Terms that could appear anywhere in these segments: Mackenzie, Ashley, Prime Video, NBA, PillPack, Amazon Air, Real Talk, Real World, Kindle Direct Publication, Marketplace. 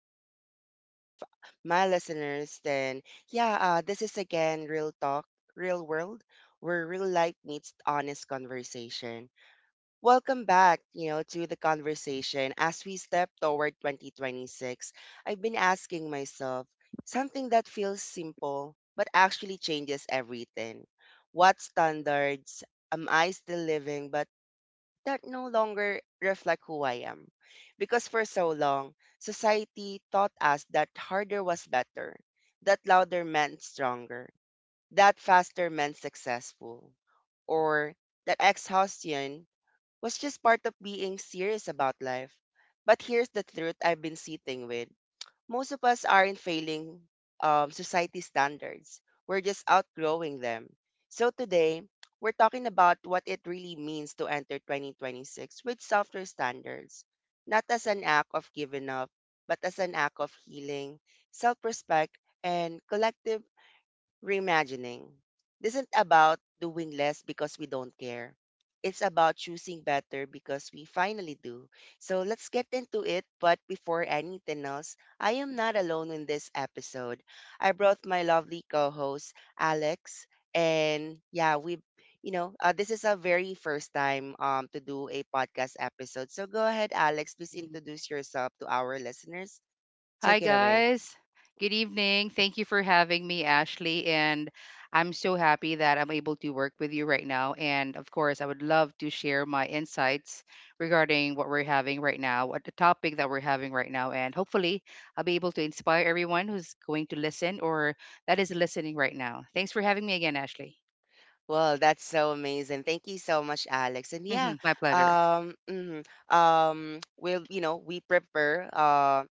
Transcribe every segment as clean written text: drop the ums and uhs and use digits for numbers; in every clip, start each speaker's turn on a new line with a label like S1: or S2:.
S1: you are, to all of my listeners. Then, yeah, this is again Real Talk, Real World, where real life meets honest conversation. Welcome back, to the conversation. As we step toward 2026, I've been asking myself something that feels simple, but actually changes everything. What standards am I still living by that no longer reflect who I am? Because for so long, society taught us that harder was better, that louder meant stronger, that faster meant successful, or that exhaustion was just part of being serious about life. But here's the truth I've been sitting with: most of us aren't failing society standards. We're just outgrowing them. So today, we're talking about what it really means to enter 2026 with softer standards, not as an act of giving up, but as an act of healing, self respect, and collective reimagining isn't about doing less because we don't care. It's about choosing better because we finally do. So let's get into it. But before anything else, I am not alone in this episode. I brought my lovely co host, Alex. And yeah, we, you know, This is our very first time to do a podcast episode. So go ahead, Alex. Please
S2: Mm.
S1: introduce yourself to our listeners.
S2: Hi,
S1: Take it away.
S2: guys. Good evening. Thank you for having me, Ashley. And I'm so happy that I'm able to work with you right now. And of course, I would love to share my insights regarding what we're having right now, what the topic that we're having right now. And hopefully, I'll be able to inspire everyone who's going to listen or that is listening right now. Thanks for having me again, Ashley.
S1: Well, that's so amazing. Thank you so much, Alex. And yeah,
S2: My pleasure.
S1: mhm, we'll, you know, We prepare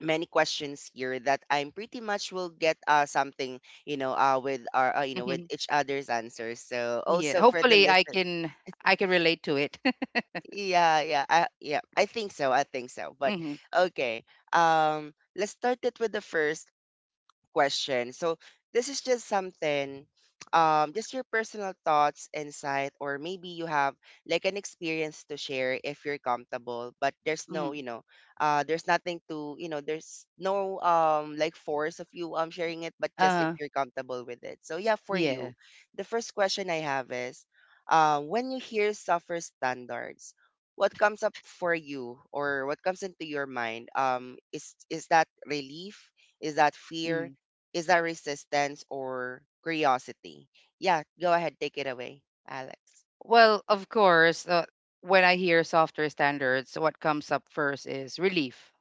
S1: many questions here that I'm pretty much will get something, with our with
S2: hmm
S1: each other's answers. So
S2: Yeah.
S1: also for the
S2: Hopefully, I
S1: listener,
S2: can I can relate to it.
S1: yeah, I think so, I think so. But
S2: hmm
S1: okay, let's start it with the first question. So this is just something, just your personal thoughts, insight, or maybe you have like an experience to share if you're comfortable. But there's
S2: hmm
S1: no, you know, there's nothing to, you know, there's no like force of you sharing it, but just if
S2: Uh,
S1: you're comfortable with it. So yeah, for
S2: yeah.
S1: you, the first question I have is, when you hear suffer standards. What comes up for you, or what comes into your mind? Is that relief? Is that fear?
S2: Mm-hmm.
S1: Is that resistance or curiosity? Yeah, go ahead, take it away, Alex.
S2: Well, of course, when I hear softer standards, what comes up first is relief,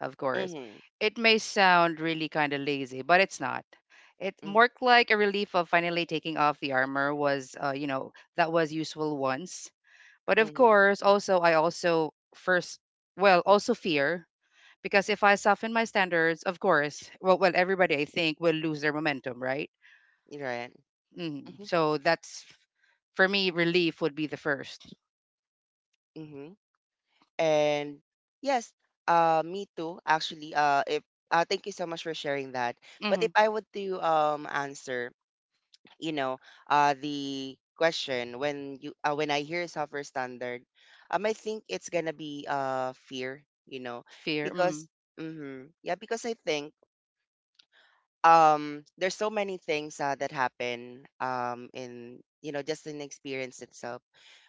S2: of course.
S1: Mm-hmm.
S2: It may sound really kind of lazy, but it's not. It
S1: Mm-hmm.
S2: more like a relief of finally taking off the armor was, that was useful once. But of
S1: Mm-hmm.
S2: course, also, I also first, well, also fear because if I soften my standards, of course, well, everybody I think will lose their momentum, right?
S1: You're right. Mm-hmm.
S2: So that's for me, relief would be the 1st.
S1: Mm-hmm. And yes, me too. Actually, if thank you so much for sharing that. But if I were to answer, you know, the question when I hear software standard, I think it's gonna be fear, you know,
S2: Fear.
S1: because
S2: Mm.
S1: mm-hmm, yeah, because I think there's so many things that happen in you know just in experience itself.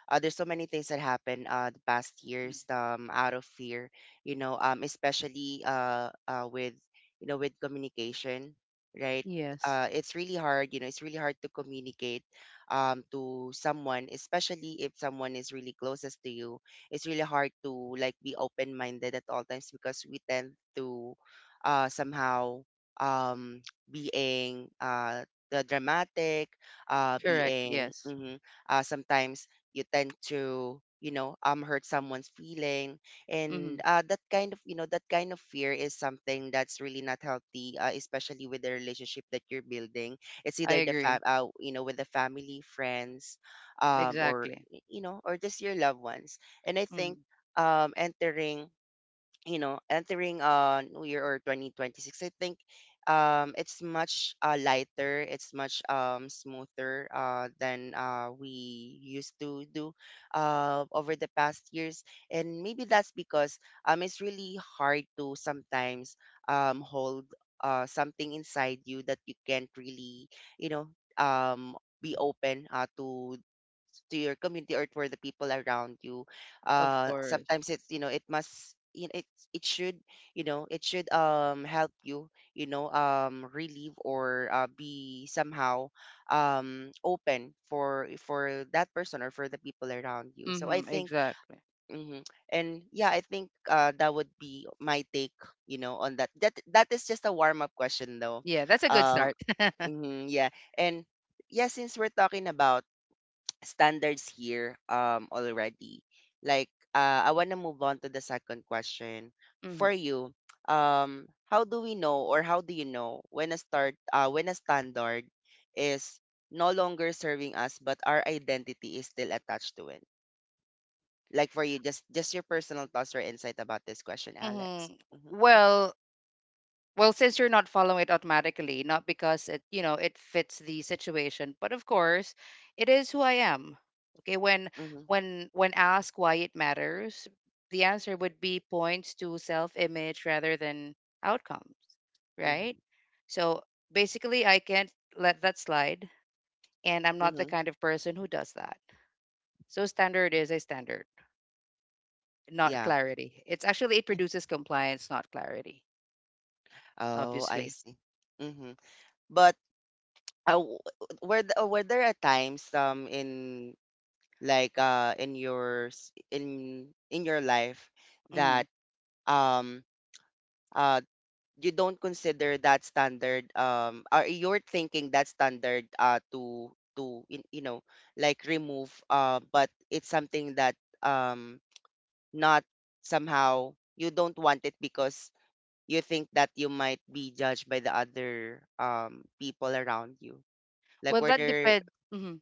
S1: There's so many things that happen the past
S2: Mm.
S1: years out of fear, you know, especially with you know with communication, right?
S2: Yes.
S1: It's really hard, you know, it's really hard to communicate to someone, especially if someone is really closest to you. It's really hard to like be open minded at all times because we tend to somehow um being the dramatic, uh,
S2: Correct.
S1: being
S2: Yes.
S1: mhm, sometimes you tend to you know hurt someone's feeling and
S2: Mm-hmm.
S1: that kind of you know that kind of fear is something that's really not healthy, especially with the relationship that you're building. it's
S2: I
S1: either the fam
S2: agree.
S1: uh, you know with the family friends
S2: Exactly.
S1: or just your loved ones. And I think
S2: hmm
S1: entering, you know, entering New Year or 2026, I think it's much lighter, it's much smoother than we used to do over the past years. And maybe that's because it's really hard to sometimes hold something inside you that you can't really, you know, um be open to your community or for the people around you.
S2: Of course.
S1: Sometimes it's you know it must you know, it should you know it should help you you know relieve or be somehow open for that person or for the people around you. So I think,
S2: Exactly.
S1: hmm, and yeah, I think that would be my take, you know, on that. That that is just a warm up question though.
S2: Yeah, that's a good
S1: Um,
S2: start.
S1: mhm, yeah, and yeah, since we're talking about standards here already. Like I want to move on to the second question
S2: hmm
S1: for you. Um, how do we know or how do you know when a start when a standard is no longer serving us but our identity is still attached to it? Like for you, just your personal thoughts or insight about this question, Alex.
S2: hmm
S1: Mm-hmm,
S2: Well, since you're not following it automatically, not because it, you know, it fits the situation, but of course, it is who I am. Okay,
S1: mm-hmm,
S2: when asked why it matters, the answer would be points to self-image rather than outcomes, right?
S1: mm-hmm,
S2: So basically, I can't let that slide, and I'm not the
S1: mm-hmm.
S2: kind of person who does that. So standard is a standard, not
S1: Yeah.
S2: clarity. It produces compliance, not clarity,
S1: Oh, I
S2: obviously.
S1: see. Mm-hmm. But uh, w- were there at times in in your life
S2: hmm
S1: that um uh you don't consider that standard or you're thinking that standard you know like remove but it's something that um not somehow you don't want it because you think that you might be judged by the other people around you. Like
S2: Well,
S1: were
S2: that
S1: there,
S2: depends.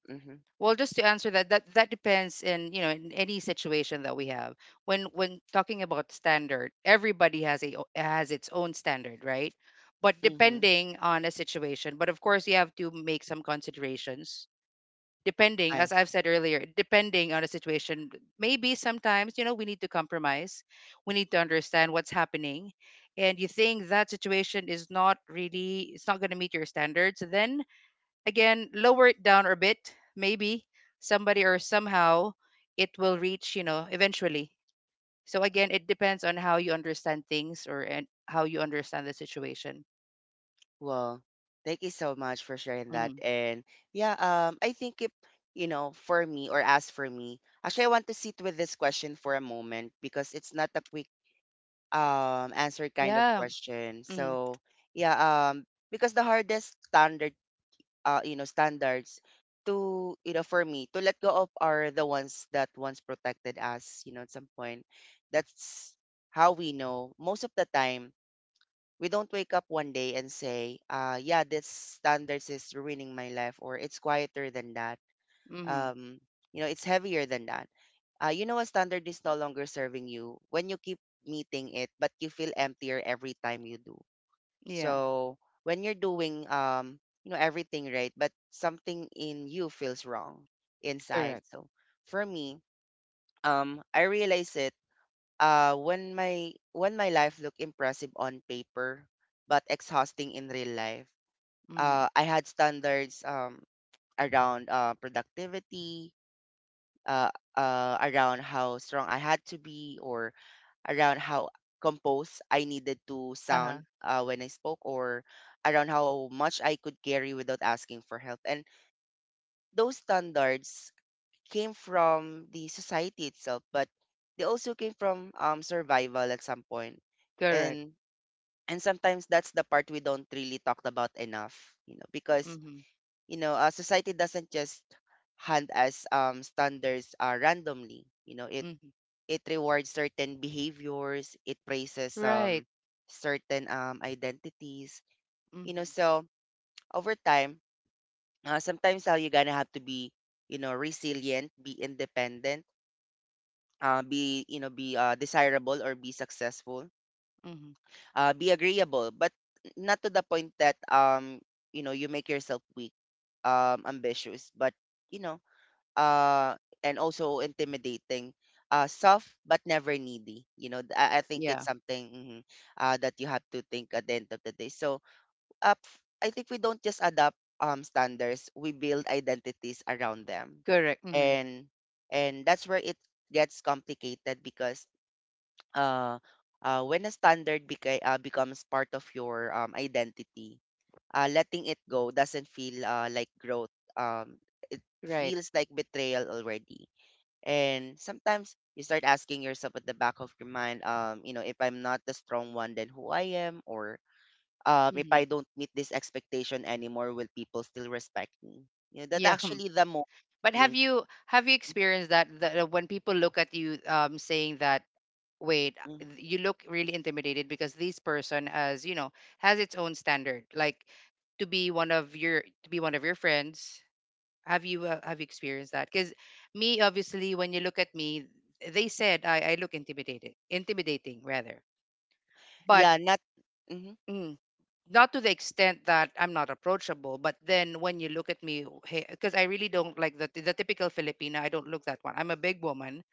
S1: mm-hmm,
S2: Well, just to answer that, that depends in you know in any situation that we have. When talking about standard, everybody has its own standard, right? But
S1: mm-hmm.
S2: depending on a situation, but of course you have to make some considerations. Depending, as I've said earlier, depending on a situation, maybe sometimes you know we need to compromise. We need to understand what's happening, and you think that situation is not really it's not going to meet your standards, then again lower it down a bit maybe somebody or somehow it will reach you know eventually. So again, it depends on how you understand things or and how you understand the situation.
S1: Well, thank you so much for sharing that.
S2: Hmm
S1: And yeah, I think if you know, for me or as for me, actually, I want to sit with this question for a moment because it's not a quick answer kind of
S2: yeah
S1: question.
S2: hmm
S1: So yeah, because the hardest standard, you know, standards to you know for me to let go of are the ones that once protected us. You know, at some point, that's how we know. Most of the time we don't wake up one day and say, yeah, this standards is ruining my life, or it's quieter than that.
S2: hmm
S1: Um, you know, it's heavier than that. You know, a standard is no longer serving you when you keep meeting it, but you feel emptier every time you do.
S2: yeah
S1: So when you're doing, you know, everything right, but something in you feels wrong inside.
S2: correct
S1: So for me, I realized it when my life looked impressive on paper but exhausting in real life.
S2: hmm
S1: I had standards, around productivity, uh, around how strong I had to be, or around how composed I needed to sound
S2: uh-huh
S1: when I spoke, or around how much I could carry without asking for help. And those standards came from the society itself, but they also came from survival at some point.
S2: correct
S1: and And sometimes that's the part we don't really talk about enough, you know, because
S2: hmm
S1: you know, society doesn't just hand us standards randomly. You know,
S2: hmm
S1: it rewards certain behaviors, it praises
S2: right
S1: certain identities. You know,
S2: hmm
S1: so over time, sometimes how you're gonna have to be, you know, resilient, be independent, be desirable or be successful,
S2: hmm
S1: be agreeable, but not to the point that you know you make yourself weak, ambitious, but you know uh and also intimidating. Soft but never needy. You know, I think
S2: yeah
S1: it's something that you have to think at the end of the day. So, I think we don't just adopt standards; we build identities around them,
S2: correct hmm
S1: and that's where it gets complicated because uh, when a standard becomes part of your identity, letting it go doesn't feel like growth. Um, it
S2: right
S1: feels like betrayal already. And sometimes you start asking yourself at the back of your mind, you know, if I'm not the strong one, then who I am? Or if I
S2: hmm
S1: don't meet this expectation anymore, will people still respect me? You know, that
S2: Yeah.
S1: actually the most
S2: But have
S1: link.
S2: you have you experienced that, that when people look at you saying that wait
S1: Mhm.
S2: you look really intimidated because this person has you know has its own standard, like to be one of your to be one of your friends. Have you have you experienced that? Because me obviously when you look at me, they said I look intimidated, intimidating rather. But
S1: Yeah, not. Mm-hmm.
S2: mm, not to the extent that I'm not approachable, but then when you look at me, because I really don't like the typical Filipina, I don't look that one. I'm a big woman.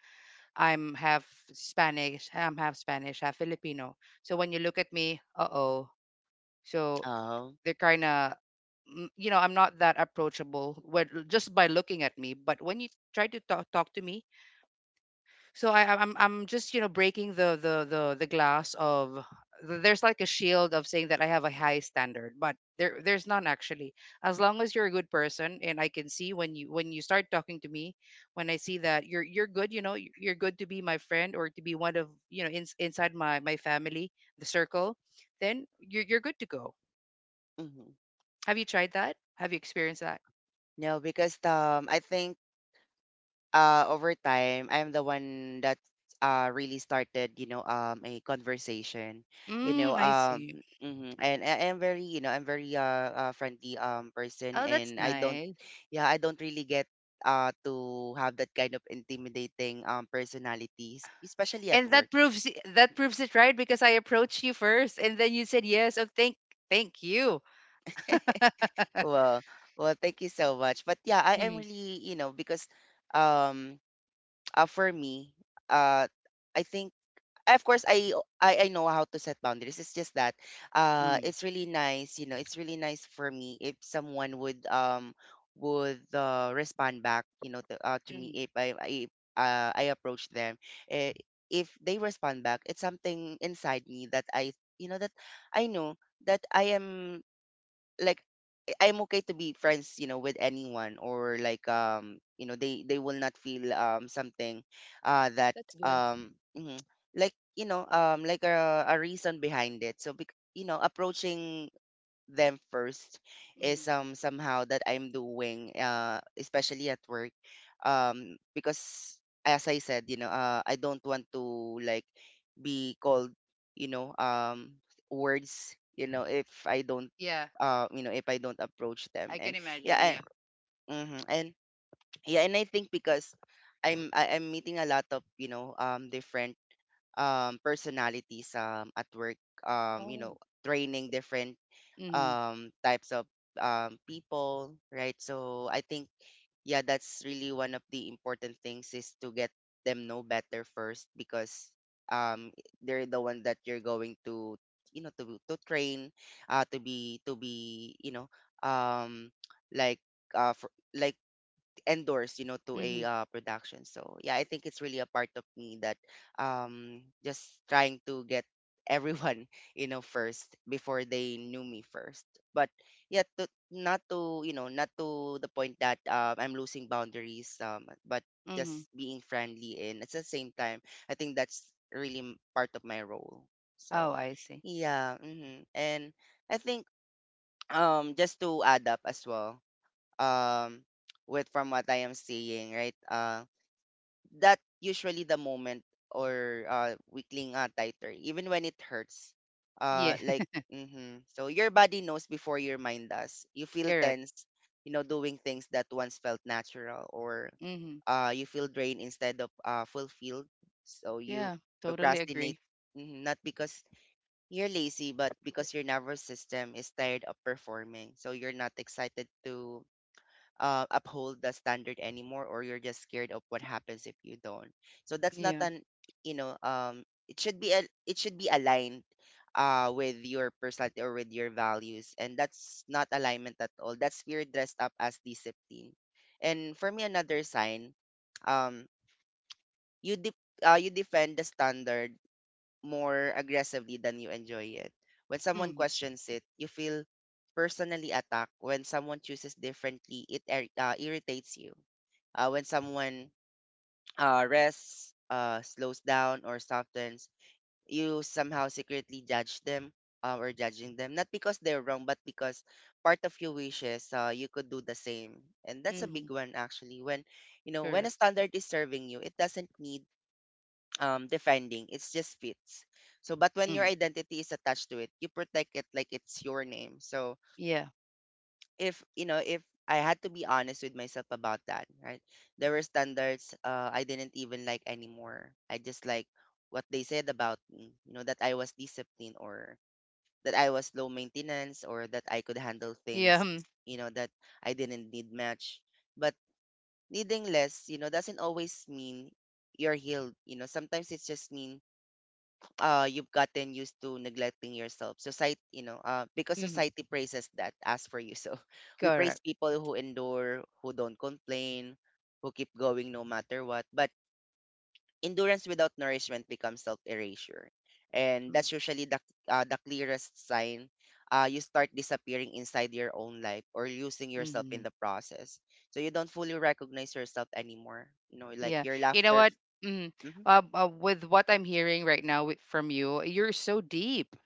S2: I'm half Spanish, half Filipino. So when you look at me, uh oh. So
S1: Um,
S2: they're kind of, you know, I'm not that approachable when, just by looking at me. But when you try to talk to me, so I'm just you know breaking the glass of there's like a shield of saying that I have a high standard, but there's none actually. As long as you're a good person, and I can see when you start talking to me, when I see that you're good, you know, you're good to be my friend or to be one of you know inside my family, the circle, then you're good to go.
S1: mhm.
S2: Have you tried that? Have you experienced that?
S1: No, because I think over time, I'm the one that really started, you know, a conversation, you know,
S2: Mm, I see.
S1: mhm. And I am very, you know, I'm very friendly person,
S2: Oh, that's
S1: and I don't,
S2: nice.
S1: yeah, I don't really get to have that kind of intimidating personalities, especially at
S2: And
S1: work.
S2: that proves it right because I approached you first, and then you said yes. Oh, thank you.
S1: Well, well, thank you so much. But yeah, I am
S2: hmm
S1: really, you know, because um for me, uh I think of course I know how to set boundaries. It's just that
S2: hmm
S1: it's really nice, you know, it's really nice for me if someone would respond back, you know, to me
S2: hmm
S1: if I approach them. Eh, If they respond back, it's something inside me that I, that I know that I am, like, I'm okay to be friends, you know, with anyone. Or like, you know, they will not feel something uh that
S2: That's good.
S1: um mhm, like, you know, like a reason behind it. So you know, approaching them first
S2: hmm
S1: is somehow that I'm doing, especially at work, because as I said, you know, I don't want to, like, be called, you know, words, you know, if I don't,
S2: Yeah,
S1: you know, if I don't approach them.
S2: I can
S1: and
S2: imagine.
S1: yeah and
S2: Yeah.
S1: mhm, and yeah and I think, because I'm meeting a lot of, you know, different personalities at work, um you
S2: Oh.
S1: know training different
S2: hmm
S1: types of people, right? So I think, yeah, that's really one of the important things, is to get them know better first, because um they're the one that you're going to train, to be, you know, um like like endorsed, you know, to
S2: hmm
S1: a production. So yeah, I think it's really a part of me that just trying to get everyone, you know, first before they knew me first. But yeah, not to, you know, not to the point that, I'm losing boundaries. But
S2: hmm
S1: just being friendly, and at the same time, I think that's really part of my role.
S2: Oh,
S1: So
S2: I see.
S1: yeah. hmm and I think, just to add up as well, um with, from what I am seeing, right? That, usually the moment, or weakling, tighter, even when it hurts.
S2: Yeah,
S1: Uh like mm-hmm. So your body knows before your mind does. You feel
S2: correct.
S1: tense, you know, doing things that once felt natural, or
S2: hmm
S1: you feel drained instead of fulfilled. So you
S2: Yeah, totally
S1: procrastinate,
S2: agree.
S1: mhm, not because you're lazy, but because your nervous system is tired of performing. So you're not excited to uphold the standard anymore, or you're just scared of what happens if you don't. So that's not
S2: Yeah.
S1: an you know it should be it should be aligned with your personality or with your values, and that's not alignment at all. That's fear dressed up as discipline. And for me, another sign: um you de- you defend the standard more aggressively than you enjoy it. When someone
S2: hmm
S1: questions it, you feel personally attacked. When someone chooses differently, it irritates you. When someone, rests, slows down, or softens, you somehow secretly judge them, or judging them, not because they're wrong, but because part of you wishes, you could do the same. And that's a
S2: hmm
S1: big one, actually. When you know When
S2: Correct.
S1: a standard is serving you, it doesn't need, defending. It's just fits. But when your
S2: hmm
S1: identity is attached to it, you protect it like it's your name. So,
S2: Yeah.
S1: if you know, if I had to be honest with myself about that, right? There were standards, I didn't even like anymore. I just like what they said about me, you know, that I was disciplined, or that I was low maintenance, or that I could handle
S2: Yeah.
S1: things, you know, that I didn't need much. But needing less, you know, doesn't always mean you're healed. You know, sometimes it's just mean you've gotten used to neglecting yourself, society, you know, because
S2: hmm
S1: society praises that as for you. So we
S2: Correct.
S1: praise people who endure, who don't complain, who keep going no matter what. But endurance without nourishment becomes self-erasure. And
S2: Mm-hmm.
S1: that's usually the clearest sign, you start disappearing inside your own life, or losing yourself in
S2: Mm-hmm.
S1: the process. So you don't fully recognize yourself anymore, you know, like
S2: Yeah.
S1: your
S2: You know
S1: laughter.
S2: what? Mm,
S1: Mhm.
S2: with what I'm hearing right now with, from you, you're so deep.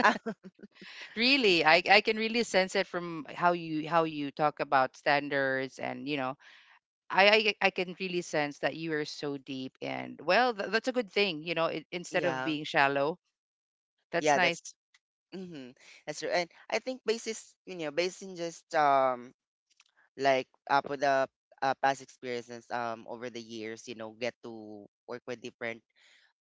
S2: Really, I can really sense it from how you talk about standards and you know, I can really sense that you are so deep and well, that's a good thing. You know, it, instead of
S1: yeah
S2: being shallow, that's
S1: yeah that's
S2: nice.
S1: Mm-hmm. That's true. And I think you know, based in just, with the, past experiences, over the years, you know, get to work with different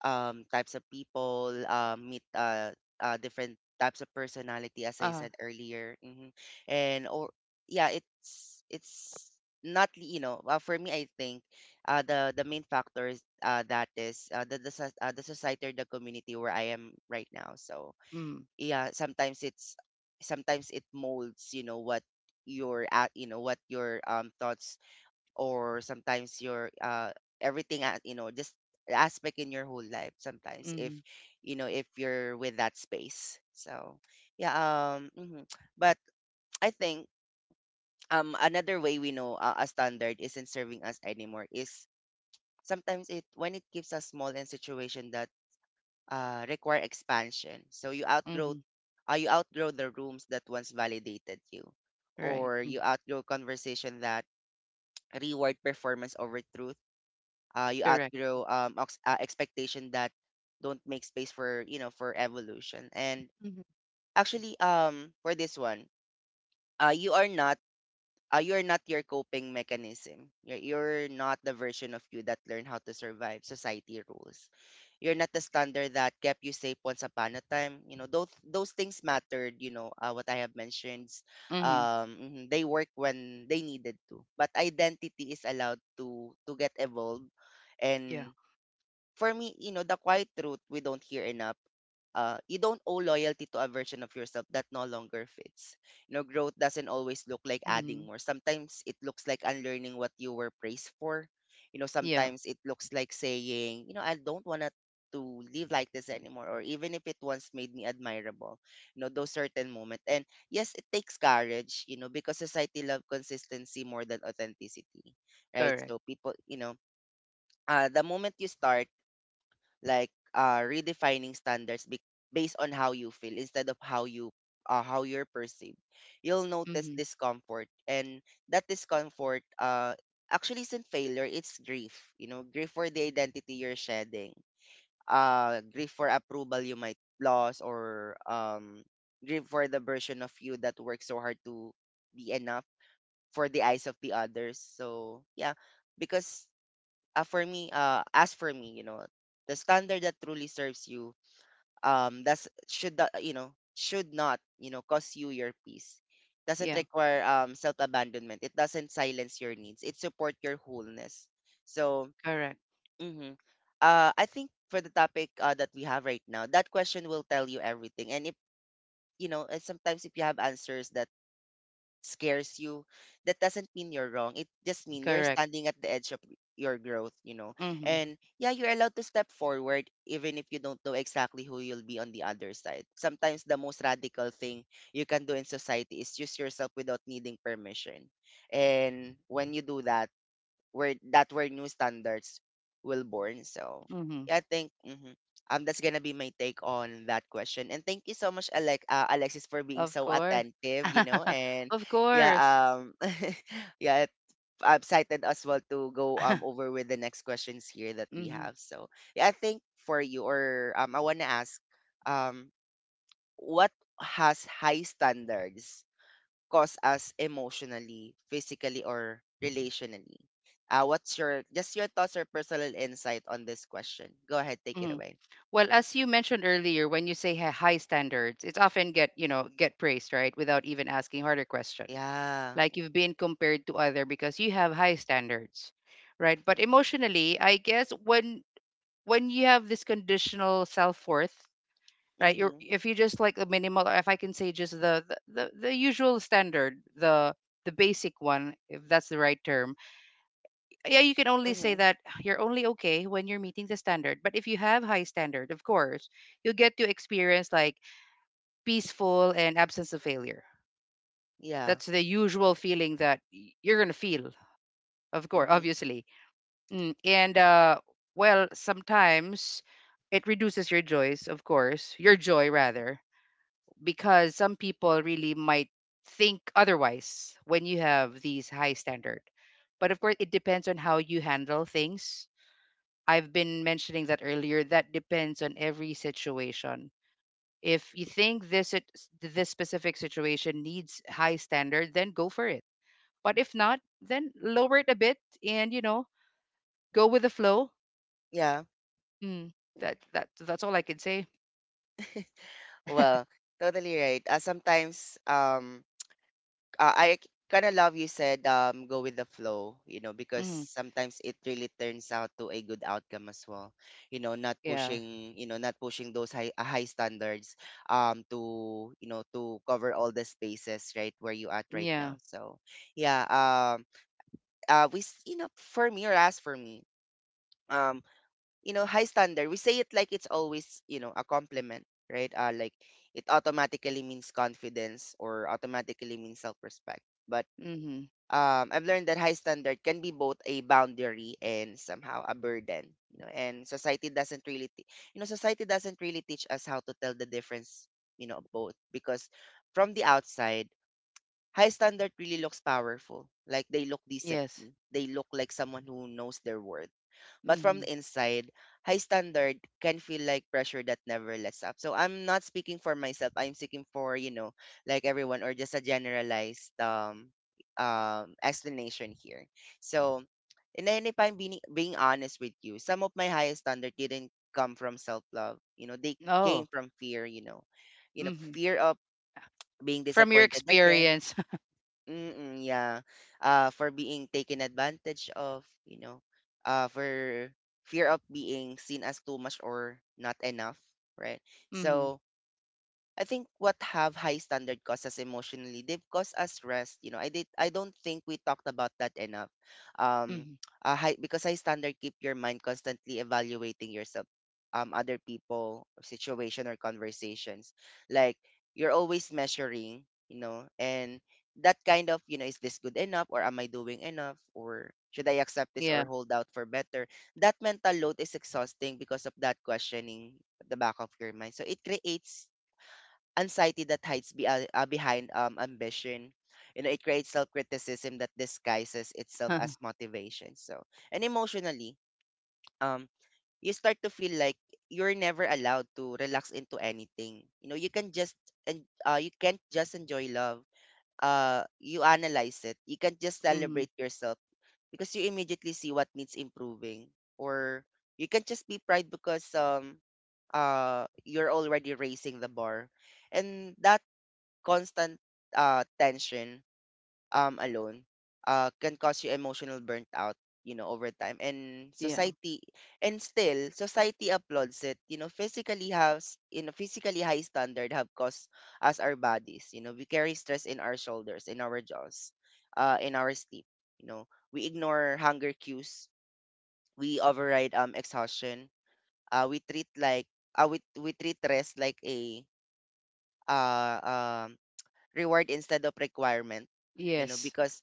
S1: types of people, meet, different types of personality, as I
S2: Uh,
S1: said earlier. Mm-hmm. And or yeah, it's not li- you know, for me I think the main factor is, that is, the society or the community where I am right now. So
S2: mm,
S1: yeah, sometimes it molds, you know, what your at, you know, what your thoughts, or sometimes your everything at, you know, just the aspect in your whole life sometimes,
S2: mm-hmm,
S1: if you're with that space. So yeah. Mhm. But I think, another way we know, a standard isn't serving us anymore is sometimes, it when it gives us small and situation that, require expansion. So
S2: mm-hmm,
S1: you outgrow the rooms that once validated you,
S2: right,
S1: or
S2: mm,
S1: you outgrow conversation that reward performance over truth. You
S2: correct.
S1: outgrow, expectation that don't make space for, you know, for evolution. And
S2: Mm-hmm,
S1: actually, for this one, uh, you are not you're not your coping mechanism. You're not the version of you that learned how to survive society rules. You're not the standard that kept you safe once upon a time. You know, those things mattered. You know, what I have mentioned,
S2: mm-hmm,
S1: mhm, they work when they needed to. But identity is allowed to get evolved.
S2: yeah,
S1: And for me, you know, the quiet truth we don't hear enough. You don't owe loyalty to a version of yourself that no longer fits. You know, growth doesn't always look like
S2: mm-hmm,
S1: adding more. Sometimes it looks like unlearning what you were praised for. You know,
S2: yeah,
S1: sometimes it looks like saying, you know, I don't want to live like this anymore, or even if it once made me admirable. You know, those certain moments. And yes, it takes courage, you know, because society loves consistency more than authenticity, right?
S2: correct.
S1: So people, you know, the moment you start, redefining standards based on how you feel instead of how you, how you're perceived, you'll notice
S2: Mm-hmm,
S1: discomfort. And that discomfort, actually isn't failure. It's grief, you know, grief for the identity you're shedding, grief for approval you might lose, or grief for the version of you that worked so hard to be enough for the eyes of the others. So yeah. Because for me as for me, you know, the standard that truly serves you, that's should not- you know, should not, you know, cost you your peace. Doesn't
S2: yeah,
S1: require, self abandonment. It doesn't silence your needs. It support your wholeness. So
S2: correct,
S1: mm-hmm. I think, for the topic, that we have right now, that question will tell you everything. And, if you know sometimes if you have answers that scares you, that doesn't mean you're wrong. It just means you're
S2: correct.
S1: standing at the edge of your growth, you know.
S2: Mm-hmm,
S1: And yeah, you're allowed to step forward even if you don't know exactly who you'll be on the other side. Sometimes the most radical thing you can do in society is use yourself without needing permission. And when you do that, were new standards will born. So
S2: mm-hmm.
S1: yeah, I think, that's gonna be my take on that question. And thank you so much, Alexis, for being
S2: Of
S1: so
S2: course.
S1: attentive. You know. And
S2: Of
S1: yeah,
S2: course.
S1: yeah, I'm excited as well to go over with the next questions here that we
S2: hmm
S1: have. So yeah, I think for you, or I wanna ask, um, what has high standards cause us emotionally, physically, or relationally? What's your, just your thoughts or personal insight on this question? Go ahead, take it
S2: hmm
S1: away.
S2: Well,
S1: Mhm.
S2: as you mentioned earlier, when you say high standards, it's often get, you know, get praised, right? Without even asking harder question.
S1: Yeah.
S2: Like you've been compared to other because you have high standards, right? But emotionally, I guess when you have this conditional self-worth, right? You're
S1: Mm-hmm.
S2: if you just like the minimal, or if I can say just the usual standard, the basic one, if that's the right term, yeah, you can only say
S1: Mm-hmm.
S2: that you're only okay when you're meeting the standard. But if you have high standard, of course, you'll get to experience like peaceful and absence of failure.
S1: Yeah.
S2: That's the usual feeling that you're gonna feel, of course,
S1: Mm-hmm.
S2: obviously. And well, sometimes it reduces your joys, of course, your joy rather, because some people really might think otherwise when you have these high standard. But of course, it depends on how you handle things. I've been mentioning that earlier. That depends on every situation. If you think this specific situation needs high standard, then go for it. But if not, then lower it a bit and you know go with the flow.
S1: Yeah.
S2: Mm, that that's all I can say.
S1: Well, totally right. Sometimes, I kind of love you said, go with the flow, you know, because
S2: Mm,
S1: sometimes it really turns out to a good outcome as well. You know, not
S2: yeah,
S1: pushing, you know, not pushing those high standards, to, you know, to cover all the spaces right where you at right
S2: yeah.
S1: now. So, yeah. You know, for me or as for me, um you know, high standard, we say it like it's always, you know, a compliment, right? It automatically means confidence, or automatically means self-respect. But
S2: Mm-hmm.
S1: I've learned that high standard can be both a boundary and somehow a burden. You know. And society doesn't really, teach us how to tell the difference. You know, of both, because from the outside, high standard really looks powerful. Like they look
S2: Yes.
S1: disciplined. They look like someone who knows their worth, but from
S2: Mm-hmm.
S1: the inside, high standard can feel like pressure that never lets up. So I'm not speaking for myself. I'm speaking for, you know, like everyone, or just a generalized explanation here. So, and then if I'm being honest with you, some of my highest standard didn't come from self love. You know, they
S2: Oh.
S1: came from fear, you know. You know,
S2: Mm-hmm.
S1: fear of being
S2: From your
S1: disappointed again.
S2: experience.
S1: Mm, yeah. For being taken advantage of, you know, for fear of being seen as too much or not enough, right?
S2: mm-hmm.
S1: So, I think what have high standard cost us emotionally, they've cost us rest. You know, I don't think we talked about that enough. Um
S2: Mm-hmm.
S1: High because high standard keep your mind constantly evaluating yourself, other people, situation or conversations. Like you're always measuring, you know, and that kind of, you know, is this good enough or am I doing enough? Or should I accept this
S2: Yeah.
S1: or hold out for better? That mental load is exhausting because of that questioning at the back of your mind. So it creates anxiety that hides behind ambition. You know, it creates self criticism that disguises itself as motivation. So, and emotionally, um, you start to feel like you're never allowed to relax into anything. You know, you can't just enjoy love. You analyze it. You can't just
S2: mm-hmm.
S1: celebrate yourself because you immediately see what needs improving, or you can just be pride because you're already raising the bar, and that constant tension alone can cause you emotional burnt out, you know, over time.
S2: Yeah.
S1: And still society applauds it, you know. Physically, high standard have caused us our bodies. You know, we carry stress in our shoulders, in our jaws, in our sleep, you know. We ignore hunger cues, we override exhaustion, uh, we treat like we treat rest like a uh, um reward instead of requirement. You know,
S2: Yes.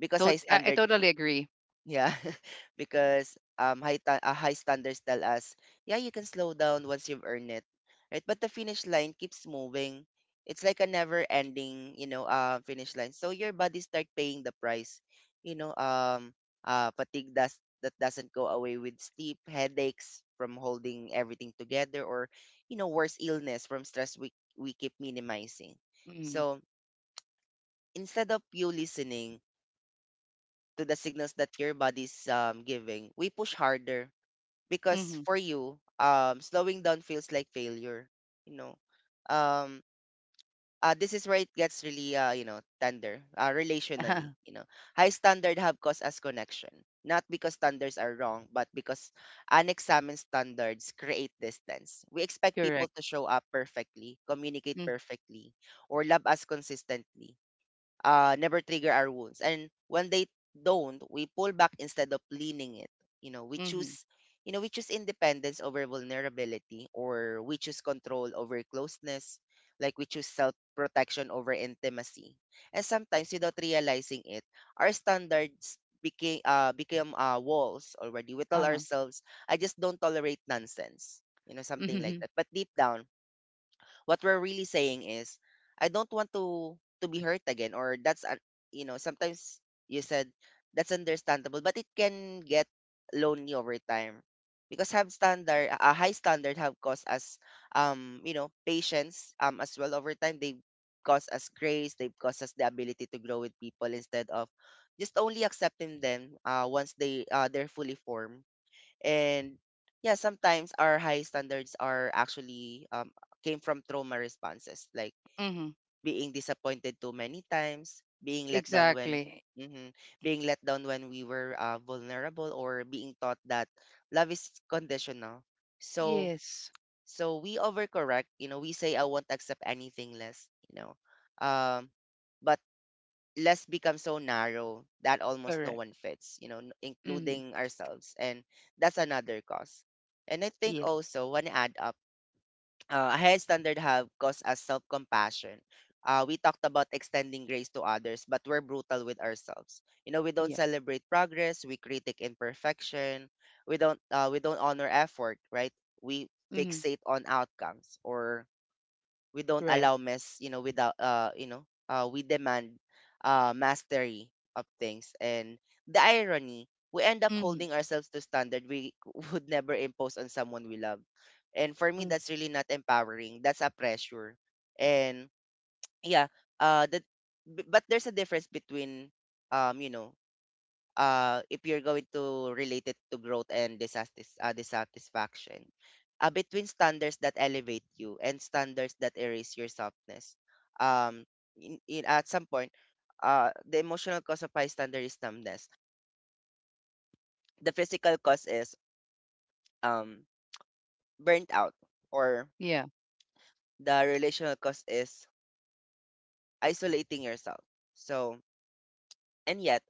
S1: because high
S2: I
S1: standard,
S2: totally agree.
S1: yeah. Because high standards tell us, yeah, you can slow down once you've earned it, right? But the finish line keeps moving. It's like a never ending, you know, finish line. So your body start paying the price, you know. Fatigue does that doesn't go away with sleep, headaches from holding everything together, or, you know, worse, illness from stress we keep minimizing.
S2: Mm-hmm.
S1: So instead of you listening to the signals that your body's giving, we push harder because
S2: Mm-hmm.
S1: for you, slowing down feels like failure. You know, um, this is where it gets really, you know, tender relationally.
S2: Uh-huh.
S1: You know, high standard have caused us connection, not because standards are wrong, but because unexamined standards create distance. We expect people
S2: Correct.
S1: to show up perfectly, communicate
S2: Mm,
S1: perfectly, or love us consistently, never trigger our wounds. And when they don't, we pull back instead of leaning it. You know,
S2: mhm.
S1: we choose independence over vulnerability, or we choose control over closeness, like we choose self protection over intimacy. And sometimes, without realizing it, our standards became become walls already. We tell
S2: Uh-huh.
S1: ourselves, "I just don't tolerate nonsense," you know, something like
S2: Mhm.
S1: that. But deep down what we're really saying is I don't want to be hurt again. Or that's un- you know Sometimes you said that's understandable, but it can get lonely over time, because have standard a high standard have caused us you know patience as well. Over time they cause us grace, they cause us the ability to grow with people instead of just only accepting them once they're fully formed. And yeah, sometimes our high standards are actually came from trauma responses, like
S2: Mhm.
S1: being disappointed too many times, being let down when,
S2: Exactly.
S1: mhm, being let down when we were vulnerable, or being taught that love is conditional. So,
S2: Yes.
S1: so we overcorrect. You know, we say I won't accept anything less, you know. Um but less become so narrow that almost no
S2: Correct.
S1: one fits, you know,
S2: Mhm.
S1: including ourselves. And that's another cause. And I think
S2: Yeah.
S1: also, when I add up, a high standard have caused us self compassion. We talked about extending grace to others, but we're brutal with ourselves. You know, we don't
S2: Yeah.
S1: celebrate progress. We critique imperfection. We don't honor effort, right? We
S2: Mhm.
S1: fixate on outcomes, or we don't
S2: Right.
S1: allow mess, you know, without you know we demand mastery of things. And the irony, we end up
S2: Mhm.
S1: holding ourselves to standard we would never impose on someone we love. And for me,
S2: Mm.
S1: that's really not empowering, that's a pressure. And yeah, uh that but there's a difference between, um you know if you're going to relate it to growth and dissatisfaction, between standards that elevate you and standards that erase your softness. Um, at some point, the emotional cause of high standard is numbness. The physical cause is um, burnt out, or
S2: Yeah.
S1: the relational cause is isolating yourself. So, and yet,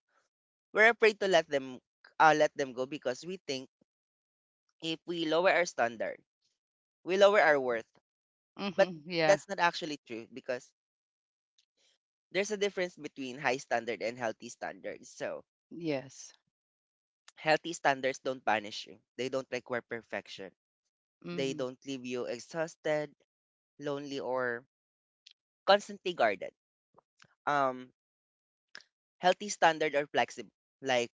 S1: we're afraid to let them go because we think if we lower our standard, we lower our worth. But
S2: Mhm. Yeah.
S1: that's not actually true, because there's a difference between high standard and healthy standards. So
S2: Yes.
S1: healthy standards don't punish you. They don't require perfection. They
S2: Mhm.
S1: don't leave you exhausted, lonely, or constantly guarded. Um, Healthy standards are flexible. Like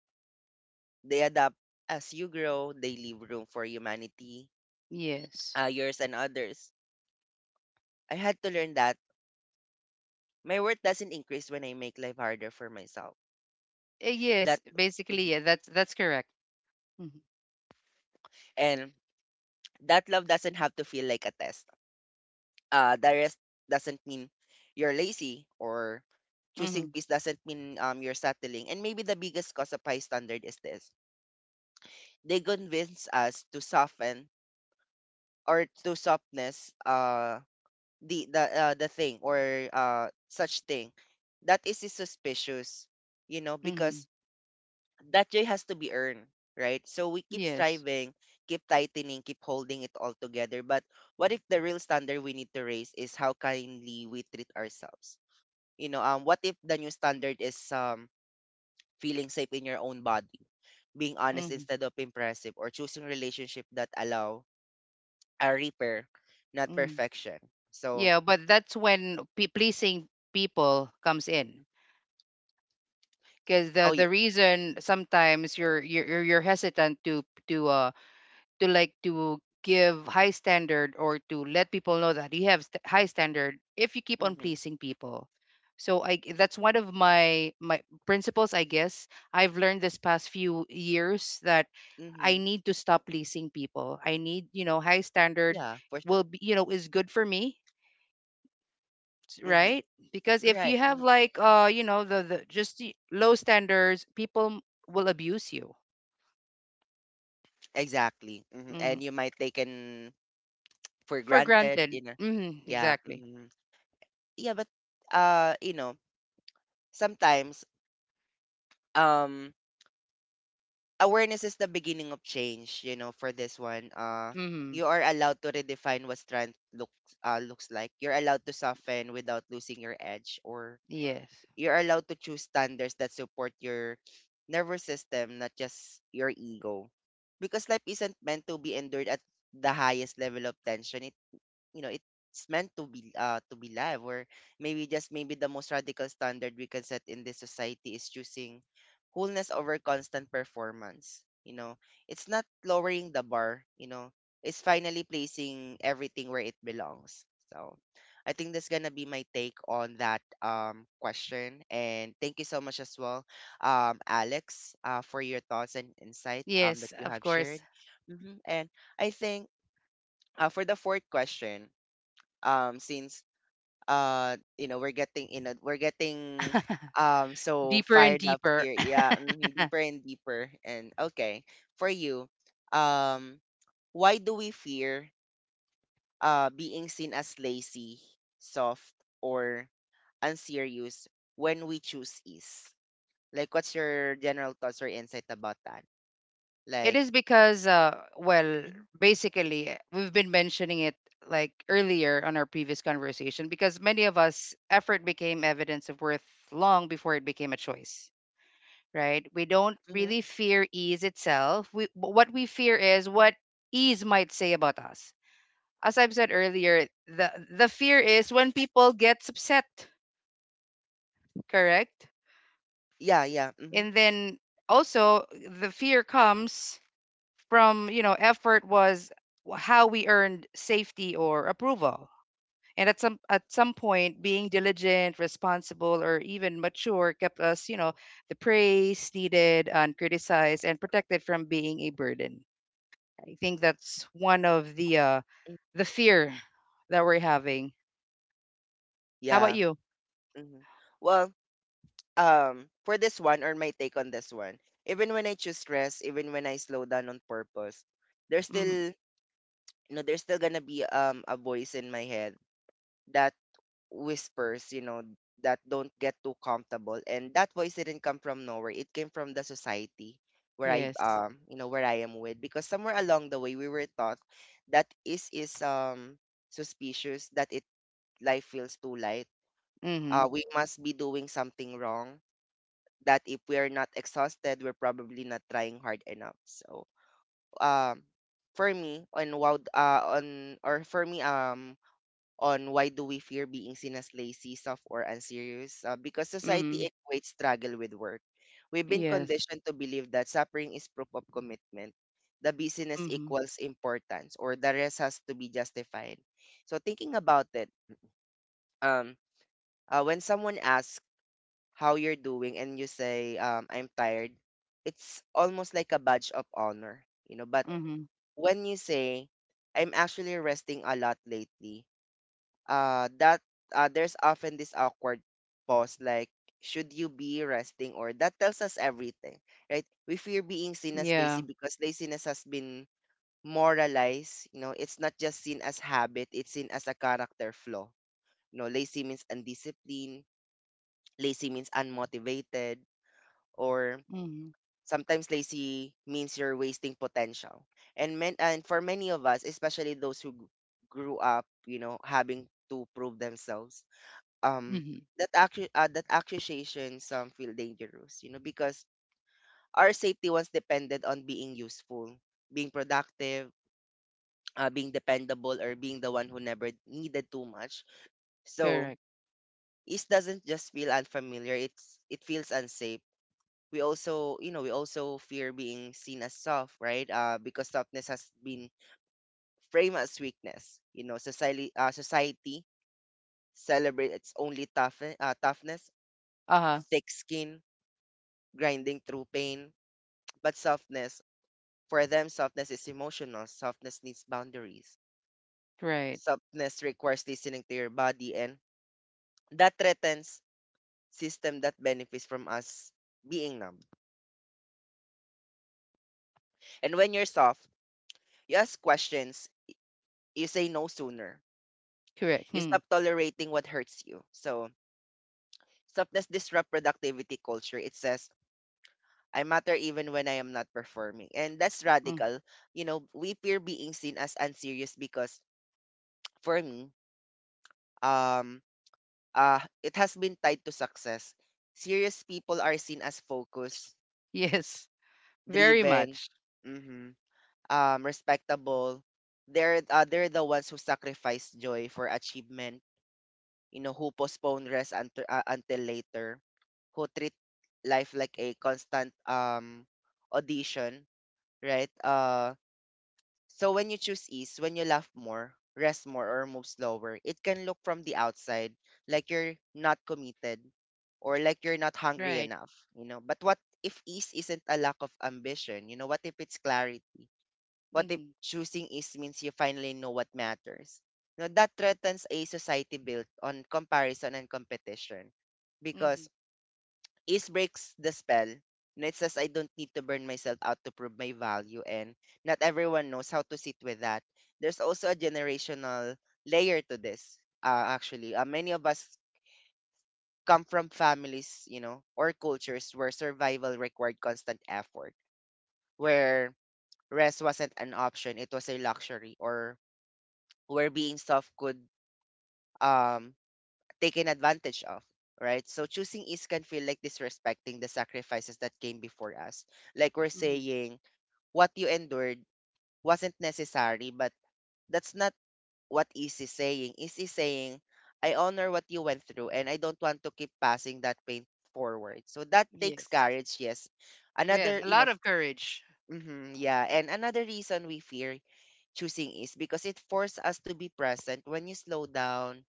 S1: they adapt as you grow. They leave room for humanity,
S2: Yes.
S1: yours and others. I had to learn that my worth doesn't increase when I make life harder for myself.
S2: Yes.
S1: That,
S2: Basically,
S1: mhm,
S2: yeah, that's correct. Mhm.
S1: and that love doesn't have to feel like a test. The rest doesn't mean you're lazy, or choosing
S2: Mhm.
S1: peace doesn't mean you're settling. And maybe the biggest cause of high standard is this. They convince us to soften, or to softness the thing, or such thing. That is suspicious, you know,
S2: Mhm.
S1: because that joy has to be earned, right? So we keep
S2: Yes.
S1: striving, keep tightening, keep holding it all together. But what if the real standard we need to raise is how kindly we treat ourselves? You know, what if the new standard is feeling safe in your own body, being honest
S2: Mhm.
S1: instead of impressive, or choosing relationship that allow a repair, not
S2: Mhm.
S1: perfection. So,
S2: Yeah, but that's when pe pleasing people comes in. Because
S1: oh yeah,
S2: the reason sometimes you're hesitant to like to give high standard or to let people know that you have high standard if you keep on
S1: mm-hmm,
S2: pleasing people. So that's one of my principles, I guess. I've learned this past few years that I
S1: mm-hmm,
S2: need to stop pleasing people. I need you know high standard
S1: yeah, for sure,
S2: will be you know is good for me.
S1: mm-hmm,
S2: Right, because if you
S1: right,
S2: have
S1: hmm,
S2: like the just the low standards, people will abuse you.
S1: exactly, hmm,
S2: hmm
S1: and you might taken for
S2: for
S1: granted,
S2: granted.
S1: you know, yeah,
S2: Exactly.
S1: hmm, yeah. But you know, sometimes um awareness is the beginning of change, you know. For this one,
S2: hmm
S1: you are allowed to redefine what strength looks like. You're allowed to soften without losing your edge, or
S2: Yes.
S1: you're allowed to choose standards that support your nervous system, not just your ego, because life isn't meant to be endured at the highest level of tension. It, you know, it's meant to be live. Or maybe, just maybe, the most radical standard we can set in this society is choosing wholeness over constant performance, you know. It's not lowering the bar, you know, it's finally placing everything where it belongs. So, I think that's gonna be my take on that question, and thank you so much as well, Alex, for your thoughts and insight that
S2: Yes,
S1: you
S2: of
S1: have shared.
S2: course.
S1: Hmm. And I think, for the fourth question, since you know, we're getting so
S2: Deeper and
S1: fired up
S2: deeper.
S1: here, yeah, mhm, deeper and deeper, and okay. For you, um why do we fear being seen as lazy, soft, or unserious when we choose ease? Like, what's your general thoughts or insight about that?
S2: It
S1: Like,
S2: is because, well, basically, we've been mentioning it like earlier on our previous conversation. Because many of us, effort became evidence of worth long before it became a choice, right? We don't
S1: mm-hmm,
S2: really fear ease itself. But what we fear is what ease might say about us. As I've said earlier, the fear is when people get upset, correct?
S1: yeah, yeah, mm-hmm,
S2: And then also the fear comes from you know effort was how we earned safety or approval. And at some point, being diligent, responsible, or even mature kept us, you know, the praise needed and criticized and protected from being a burden. I think that's one of
S1: mm-hmm,
S2: the fear that we're having. How about
S1: yeah,
S2: you?
S1: hmm. Well, for this one, or my take on this one, even when I choose rest, even when I slow down on purpose, there's
S2: Mm-hmm.
S1: still, you know, there's still gonna be a voice in my head that whispers, you know, that don't get too comfortable. And that voice didn't come from nowhere, it came from the society where I,
S2: yes
S1: you know, where I am with, because somewhere along the way we were taught that is suspicious that it, life feels too light,
S2: mm-hmm.
S1: we must be doing something wrong, that if we are not exhausted, we're probably not trying hard enough. So, um, for me, on why do we fear being seen as lazy, soft, or unserious? Because
S2: Mm-hmm.
S1: society equates struggle with work. We've been
S2: yes
S1: conditioned to believe that suffering is proof of commitment. The busyness
S2: mm-hmm.
S1: equals importance, or the rest has to be justified. So, thinking about it, um, when someone asks how you're doing and you say I'm tired, it's almost like a badge of honor, you know. But
S2: Mm-hmm.
S1: when you say I'm actually resting a lot lately, that there's often this awkward pause, like should you be resting? Or that tells us everything, right? We fear being seen as
S2: yeah
S1: lazy because laziness has been moralized, you know. It's not just seen as habit, it's seen as a character flaw. You know, lazy means undisciplined, lazy means unmotivated, or
S2: mm-hmm.
S1: sometimes lazy means you're wasting potential. And men and for many of us, especially those who grew up, you know, having to prove themselves, um,
S2: Mhm.
S1: that that accusation some feel dangerous, you know, because our safety was dependent on being useful, being productive, being dependable, or being the one who never needed too much. So
S2: Correct.
S1: this doesn't just feel unfamiliar; it feels unsafe. We also, you know, we also fear being seen as soft, right? Because softness has been framed as weakness. You know, society celebrates its only toughness,
S2: Uh-huh.
S1: thick skin, grinding through pain. But softness, for them, softness is emotional. Softness needs boundaries,
S2: Right.
S1: softness requires listening to your body, and that threatens system that benefits from us being numb. And when you're soft, you ask questions, you say no sooner,
S2: Correct.
S1: you
S2: Hmm.
S1: stop tolerating what hurts you. So softness disrupt productivity culture. It says, I matter even when I am not performing. And that's
S2: Mm.
S1: radical. You know, we fear being seen as unserious because for me, um, it has been tied to success. Serious people are seen as focused,
S2: Yes. Very
S1: driven,
S2: much.
S1: mhm, respectable. They're the ones who sacrifice joy for achievement, you know, who postpone rest until later, who treat life like a constant audition, right? Uh, so when you choose ease, when you laugh more, rest more or move slower, it can look from the outside like you're not committed or like you're not hungry
S2: Right.
S1: enough, you know. But what if ease isn't a lack of ambition? You know, what if it's clarity? What if
S2: Mm-hmm.
S1: choosing is means you finally know what matters? You that threatens a society built on comparison and competition. Because
S2: Mm-hmm.
S1: is breaks the spell. And it says I don't need to burn myself out to prove my value, and not everyone knows how to sit with that. There's also a generational layer to this. Actually, many of us come from families, you know, or cultures where survival required constant effort, where rest wasn't an option, it was a luxury, or where being soft could um taken advantage of, right? So choosing ease can feel like disrespecting the sacrifices that came before us, like we're
S2: Mm-hmm.
S1: saying what you endured wasn't necessary. But that's not what ease is saying. Ease is saying I honor what you went through, and I don't want to keep passing that pain forward. So that takes
S2: Yes.
S1: courage, yes.
S2: Yes.
S1: Another,
S2: A
S1: you know,
S2: lot of courage.
S1: mm, yeah, and another reason we fear choosing is because it forces us to be present. When you slow down,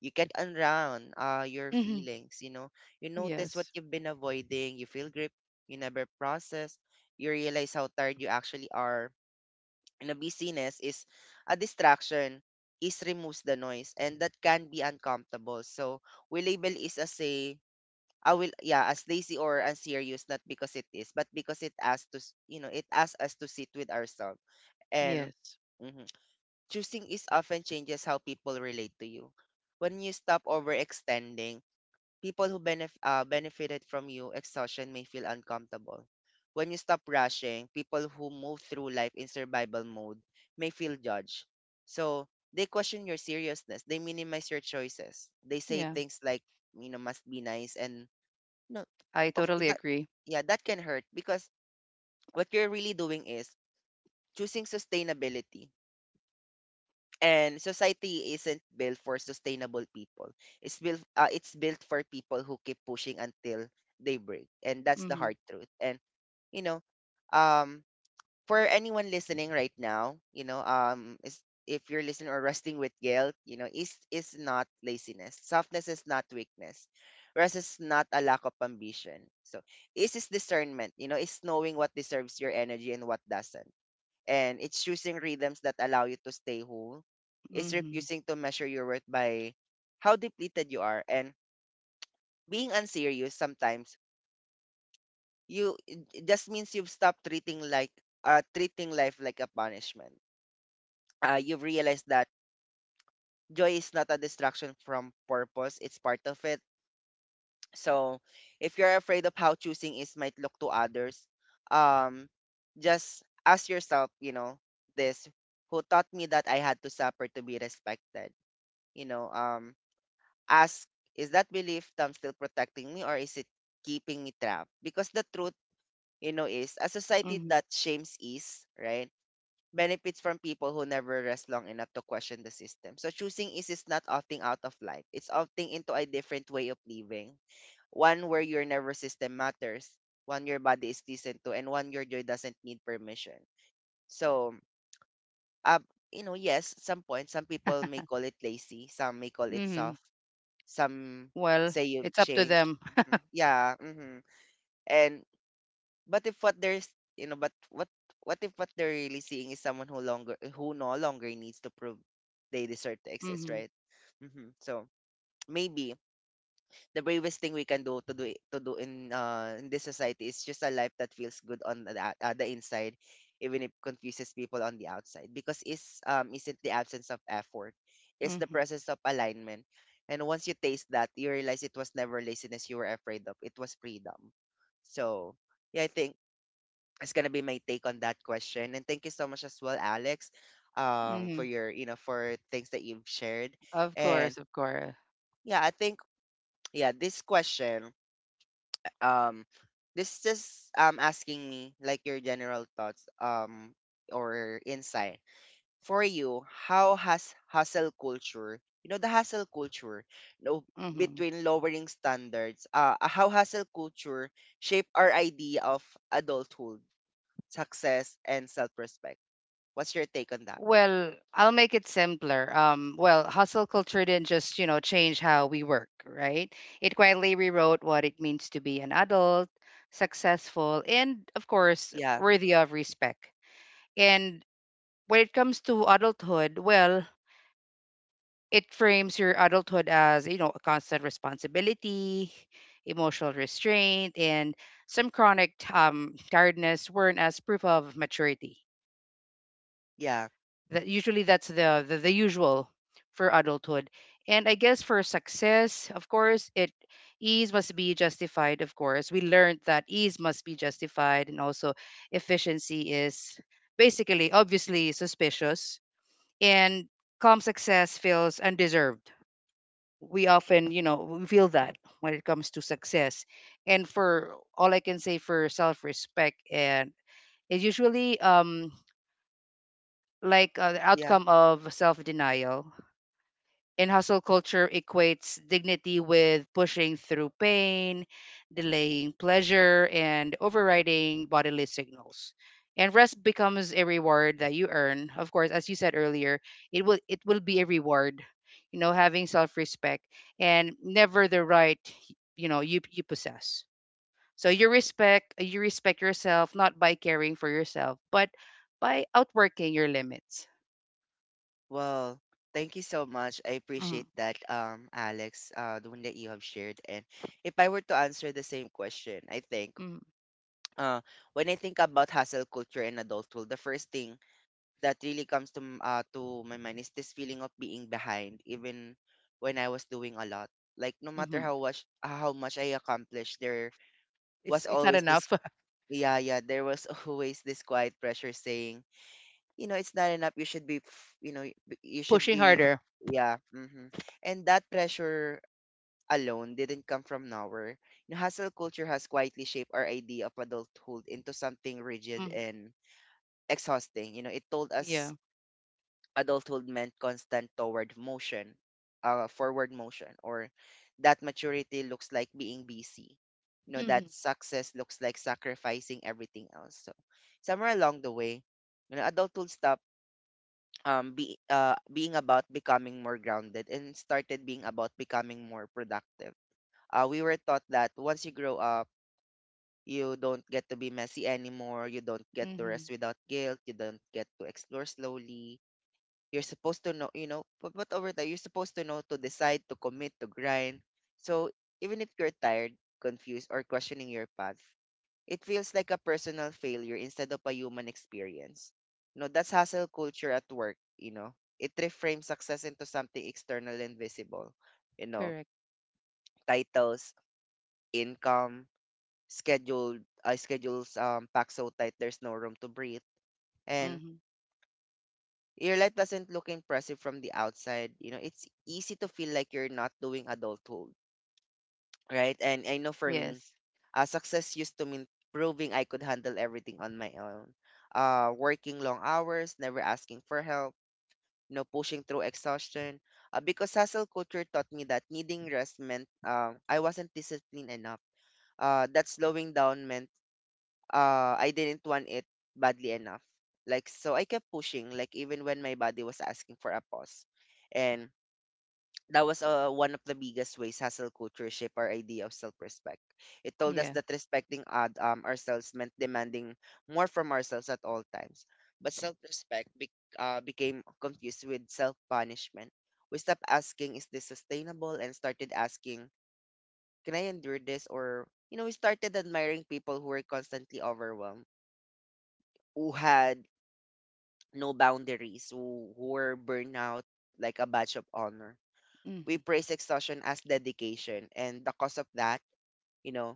S1: you can't unround your
S2: Mm-hmm.
S1: feelings, you know, you notice what
S2: Yes.
S1: you've been avoiding, you feel grip you never process, you realize how tired you actually are. And a busyness is a distraction. Is removes the noise, and that can be uncomfortable. So we label is as a I will, yeah, as lazy or unserious, not because it is, but because it asks to you know, it asks us to sit with ourselves. And
S2: Yes.
S1: mhm, choosing is often changes how people relate to you. When you stop overextending, people who benefited from you exhaustion may feel uncomfortable. When you stop rushing, people who move through life in survival mode may feel judged. So they question your seriousness. They minimize your choices. They say
S2: Yeah.
S1: things like, you know, must be nice. And no,
S2: I
S1: of
S2: totally
S1: that,
S2: agree.
S1: yeah, that can hurt, because what you're really doing is choosing sustainability, and society isn't built for sustainable people. It's built for people who keep pushing until they break. And that's the
S2: Mm-hmm.
S1: hard truth. And you know, um, for anyone listening right now, you know, um, is if you're listening or wrestling with guilt, you know, is not laziness. Softness is not weakness. Rest is not a lack of ambition. So is discernment, you know. It's knowing what deserves your energy and what doesn't, and it's choosing rhythms that allow you to stay whole. It's
S2: Mm-hmm.
S1: refusing to measure your worth by how depleted you are. And being unserious sometimes, you it it just means you've stopped treating life like a punishment. Uh, you've realized that joy is not a distraction from purpose, it's part of it. So if you're afraid of how choosing is might look to others, um, just ask yourself, you know, this who taught me that I had to suffer to be respected? You know, ask, is that belief term still protecting me, or is it keeping me trapped? Because the truth, you know, is a society
S2: Mm-hmm.
S1: that shames ease, right? Benefits from people who never rest long enough to question the system. So choosing ease is not opting out of life. It's opting into a different way of living. One where your nervous system matters, one your body is listened to, and one your joy doesn't need permission. So, uh, you know, yes, some point, some people may call it lazy, some may call it
S2: Mm-hmm.
S1: soft, some
S2: Well,
S1: say you've
S2: it's up to
S1: changed.
S2: them.
S1: Hmm. Yeah. Hmm. And but if what there's you know, but what if what they're really seeing is someone who longer who no longer needs to prove they deserve to exist,
S2: Mm-hmm.
S1: right? Hmm. So maybe the bravest thing we can do to do in this society is just a life that feels good on the the inside, even if confuses people on the outside. Because is isn't the absence of effort, it's the
S2: Mm-hmm.
S1: presence of alignment. And once you taste that, you realize it was never laziness you were afraid of. It was freedom. So yeah, I think it's gonna be my take on that question. And thank you so much as well, Alex, for
S2: Mm-hmm.
S1: your, you know, for things that you've shared.
S2: Of
S1: And
S2: course. Of course.
S1: yeah, I think yeah, this question, um, this just asking me like your general thoughts, um, or insight. For you, how has hustle culture, you know, the hustle culture, you know,
S2: Mm-hmm.
S1: between lowering standards, uh, how hustle culture shape our idea of adulthood, success and self-respect? What's your take on that one?
S2: Well, I'll make it simpler. Well, hustle culture didn't just, you know, change how we work, right? It quietly rewrote what it means to be an adult, successful, and of course,
S1: Yeah,
S2: worthy of respect. And when it comes to adulthood, well, it frames your adulthood as, you know, a constant responsibility, emotional restraint, and some chronic tiredness weren't as proof of maturity.
S1: yeah,
S2: That usually that's the usual for adulthood. And I guess for success, of course, it ease must be justified. Of course, we learned that ease must be justified. And also efficiency is basically obviously suspicious. And calm success feels undeserved. We often you know we feel that when it comes to success. And for all I can say for self-respect, and it's usually the
S1: yeah.
S2: outcome of self-denial. In hustle culture equates dignity with pushing through pain, delaying pleasure, and overriding bodily signals. And rest becomes a reward that you earn. Of course, as you said earlier, it will be a reward, you know, having self-respect and never the right, you know, you possess. So you respect yourself not by caring for yourself, but by outworking your limits.
S1: Well, thank you so much. I
S2: Mm-hmm.
S1: appreciate that, Alex, the one that you have shared. And if I were to answer the same question, I think
S2: Mm-hmm.
S1: uh, when I think about hustle culture and adulthood, the first thing that really comes to to my mind is this feeling of being behind, even when I was doing a lot. Like no matter
S2: mm-hmm.
S1: how much I accomplished, there was
S2: It's not
S1: always this
S2: enough.
S1: yeah, yeah, there was always this quiet pressure saying, you know, it's not enough, you should be you know, you should
S2: Pushing
S1: be,
S2: harder.
S1: yeah, hmm. And that pressure alone didn't come from nowhere. You know, hustle culture has quietly shaped our idea of adulthood into something rigid
S2: hmm
S1: and exhausting. You know, it told
S2: Yeah.
S1: us adulthood meant constant toward motion forward motion, or that maturity looks like being busy, you know, that
S2: hmm
S1: success looks like sacrificing everything else. So somewhere along the way, you know, adulthood stopped be being about becoming more grounded and started being about becoming more productive. Uh, we were taught that once you grow up, you don't get to be messy anymore, you don't get to
S2: hmm
S1: rest without guilt, you don't get to explore slowly. You're supposed to know, you know, but over time you're supposed to know to decide, to commit, to grind. So even if you're tired, confused or questioning your path, it feels like a personal failure instead of a human experience. You know, that's hustle culture at work, you know. It reframes success into something external and visible. You know,
S2: Correct.
S1: titles, income, scheduled schedules packed so tight there's no room to breathe. And
S2: hmm
S1: your life doesn't look impressive from the outside. You know, it's easy to feel like you're not doing adulthood, right? And I know for me,
S2: Yes.
S1: uh, success used to mean proving I could handle everything on my own. Working long hours, never asking for help, you know, pushing through exhaustion. Because hustle culture taught me that needing rest meant I wasn't disciplined enough. That slowing down meant I didn't want it badly enough. Like so, I kept pushing, like even when my body was asking for a pause. And that was one of the biggest ways hustle culture shaped our idea of self-respect. It told us
S2: Yeah.
S1: that respecting ourselves meant demanding more from ourselves at all times. But self-respect became confused with self-punishment. We stopped asking, is this sustainable? And started asking, can I endure this? We started admiring people who were constantly overwhelmed, who had no boundaries, who were burnout like a badge of honor.
S2: hmm
S1: We praise exhaustion as dedication, and the cause of that you know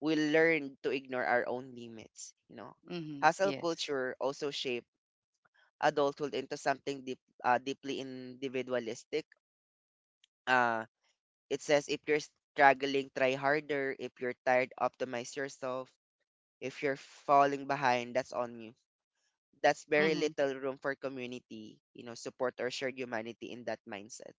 S1: we learn to ignore our own limits. Hustle
S2: Yes.
S1: culture also shaped adulthood into something deeply individualistic. uh, it says if you're struggling, try harder. If you're tired, optimize yourself. If you're falling behind, that's on you. That's very
S2: hmm
S1: little room for community, you know, support, or shared humanity in that mindset.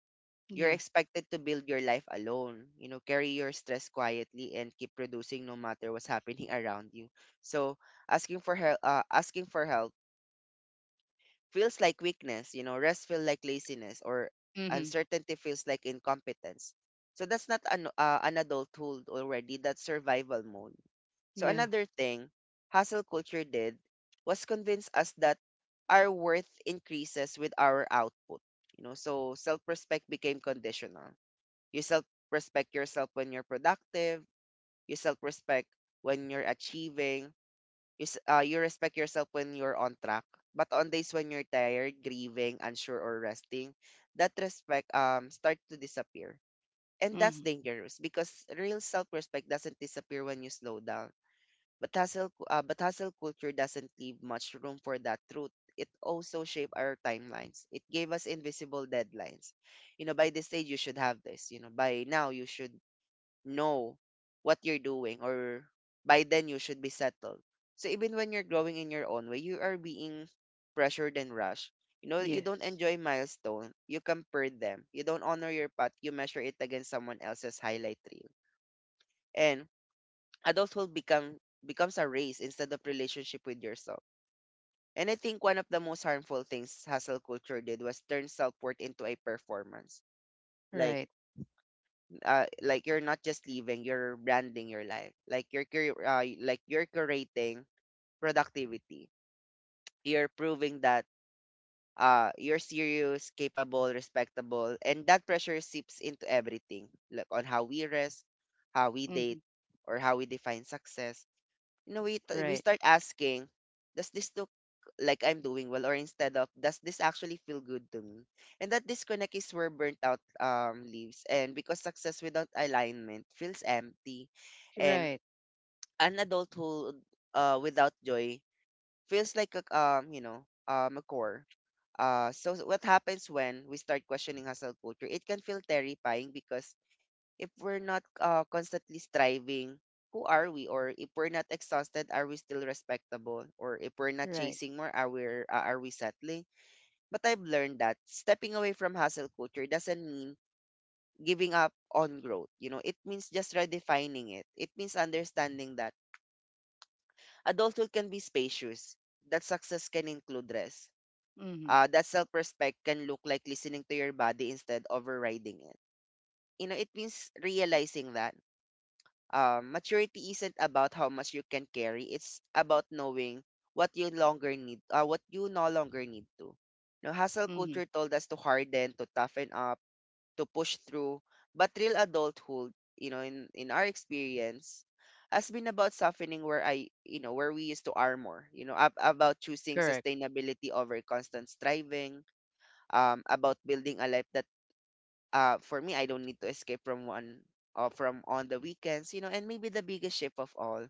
S1: You're
S2: Yeah.
S1: expected to build your life alone, you know, carry your stress quietly, and keep producing no matter what's happening around you. So, asking for help feels like weakness, you know, rest feels like laziness, or
S2: hmm
S1: uncertainty feels like incompetence. So that's not an adulthood already, that's survival mode. So
S2: Yeah.
S1: another thing hustle culture did was convince us that our worth increases with our output. You know, so self-respect became conditional. You self respect yourself when you're productive. You self respect when you're achieving. You respect yourself when you're on track. But on days when you're tired, grieving, unsure, or resting, that respect starts to disappear. And that's
S2: hmm
S1: dangerous because real self respect doesn't disappear when you slow down. But but hustle culture doesn't leave much room for that truth. It also shaped our timelines. It gave us invisible deadlines. You know, by this stage you should have this. You know, by now you should know what you're doing, or by then you should be settled. So even when you're growing in your own way, you are being pressured and rushed. You know, you don't
S2: Yes.
S1: enjoy milestone, you compare them. You don't honor your path, you measure it against someone else's highlight reel. And adulthood becomes a race instead of relationship with yourself. And I think one of the most harmful things hustle culture did was turn self-worth into a performance. Like
S2: Right.
S1: like you're not just living, you're branding your life. Like like you're curating productivity. You're proving that you're serious, capable, respectable, and that pressure seeps into everything, like on how we rest, how we
S2: hmm
S1: date, or how we define success. You know, we
S2: Right.
S1: start asking, does this look like I'm doing well, or instead of does this actually feel good to me? And that disconnect is where burnt out leaves, and because success without alignment feels empty, and
S2: Right.
S1: an adulthood without joy feels like a a core. So what happens when we start questioning hustle culture? It can feel terrifying because if we're not constantly striving, who are we? Or if we're not exhausted, are we still respectable? Or if we're not
S2: Right.
S1: chasing more, are we settling? But I've learned that stepping away from hustle culture doesn't mean giving up on growth. You know, it means just redefining it. It means understanding that adulthood can be spacious. That success can include rest.
S2: hmm
S1: That self-respect can look like listening to your body instead of overriding it. You know, it means realizing that maturity isn't about how much you can carry. It's about knowing what you no longer need to. You know, hustle
S2: hmm
S1: culture told us to harden, to toughen up, to push through. But real adulthood, you know, in our experience, has been about softening where I, you know, where we used to armor. You know, about choosing
S2: Correct.
S1: sustainability over constant striving. About building a life that for me I don't need to escape from one or from on the weekends, you know, and maybe the biggest shift of all.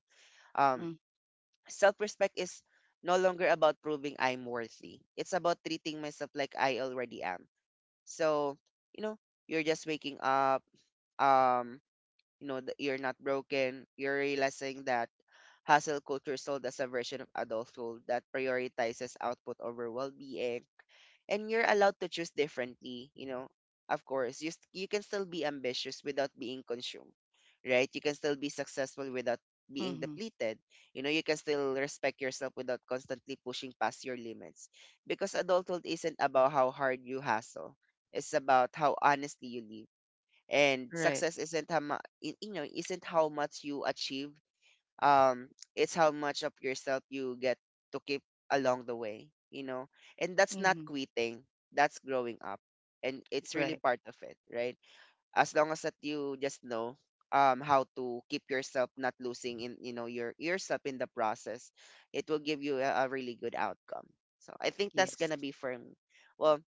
S1: Um
S2: Mm-hmm.
S1: Self-respect is no longer about proving I'm worthy. It's about treating myself like I already am. So, you know, you're just waking up, um, you know, that you're not broken. You're realizing that hustle culture sold as a version of adulthood that prioritizes output over well-being, and you're allowed to choose differently. You know, of course you can still be ambitious without being consumed, right? You can still be successful without being
S2: Mm-hmm.
S1: depleted. You know, you can still respect yourself without constantly pushing past your limits, because adulthood isn't about how hard you hustle, it's about how honestly you live. And
S2: Right.
S1: success isn't you know isn't how much you achieve. um it's how much of yourself you get to keep along the way, you know. And that's not
S2: hmm
S1: quitting, that's growing up. And it's really
S2: Right.
S1: part of it, right? As long as that you just know how to keep yourself not losing in, you know, your yourself in the process, it will give you a really good outcome. So I think that's
S2: Yes.
S1: gonna be for me. Well,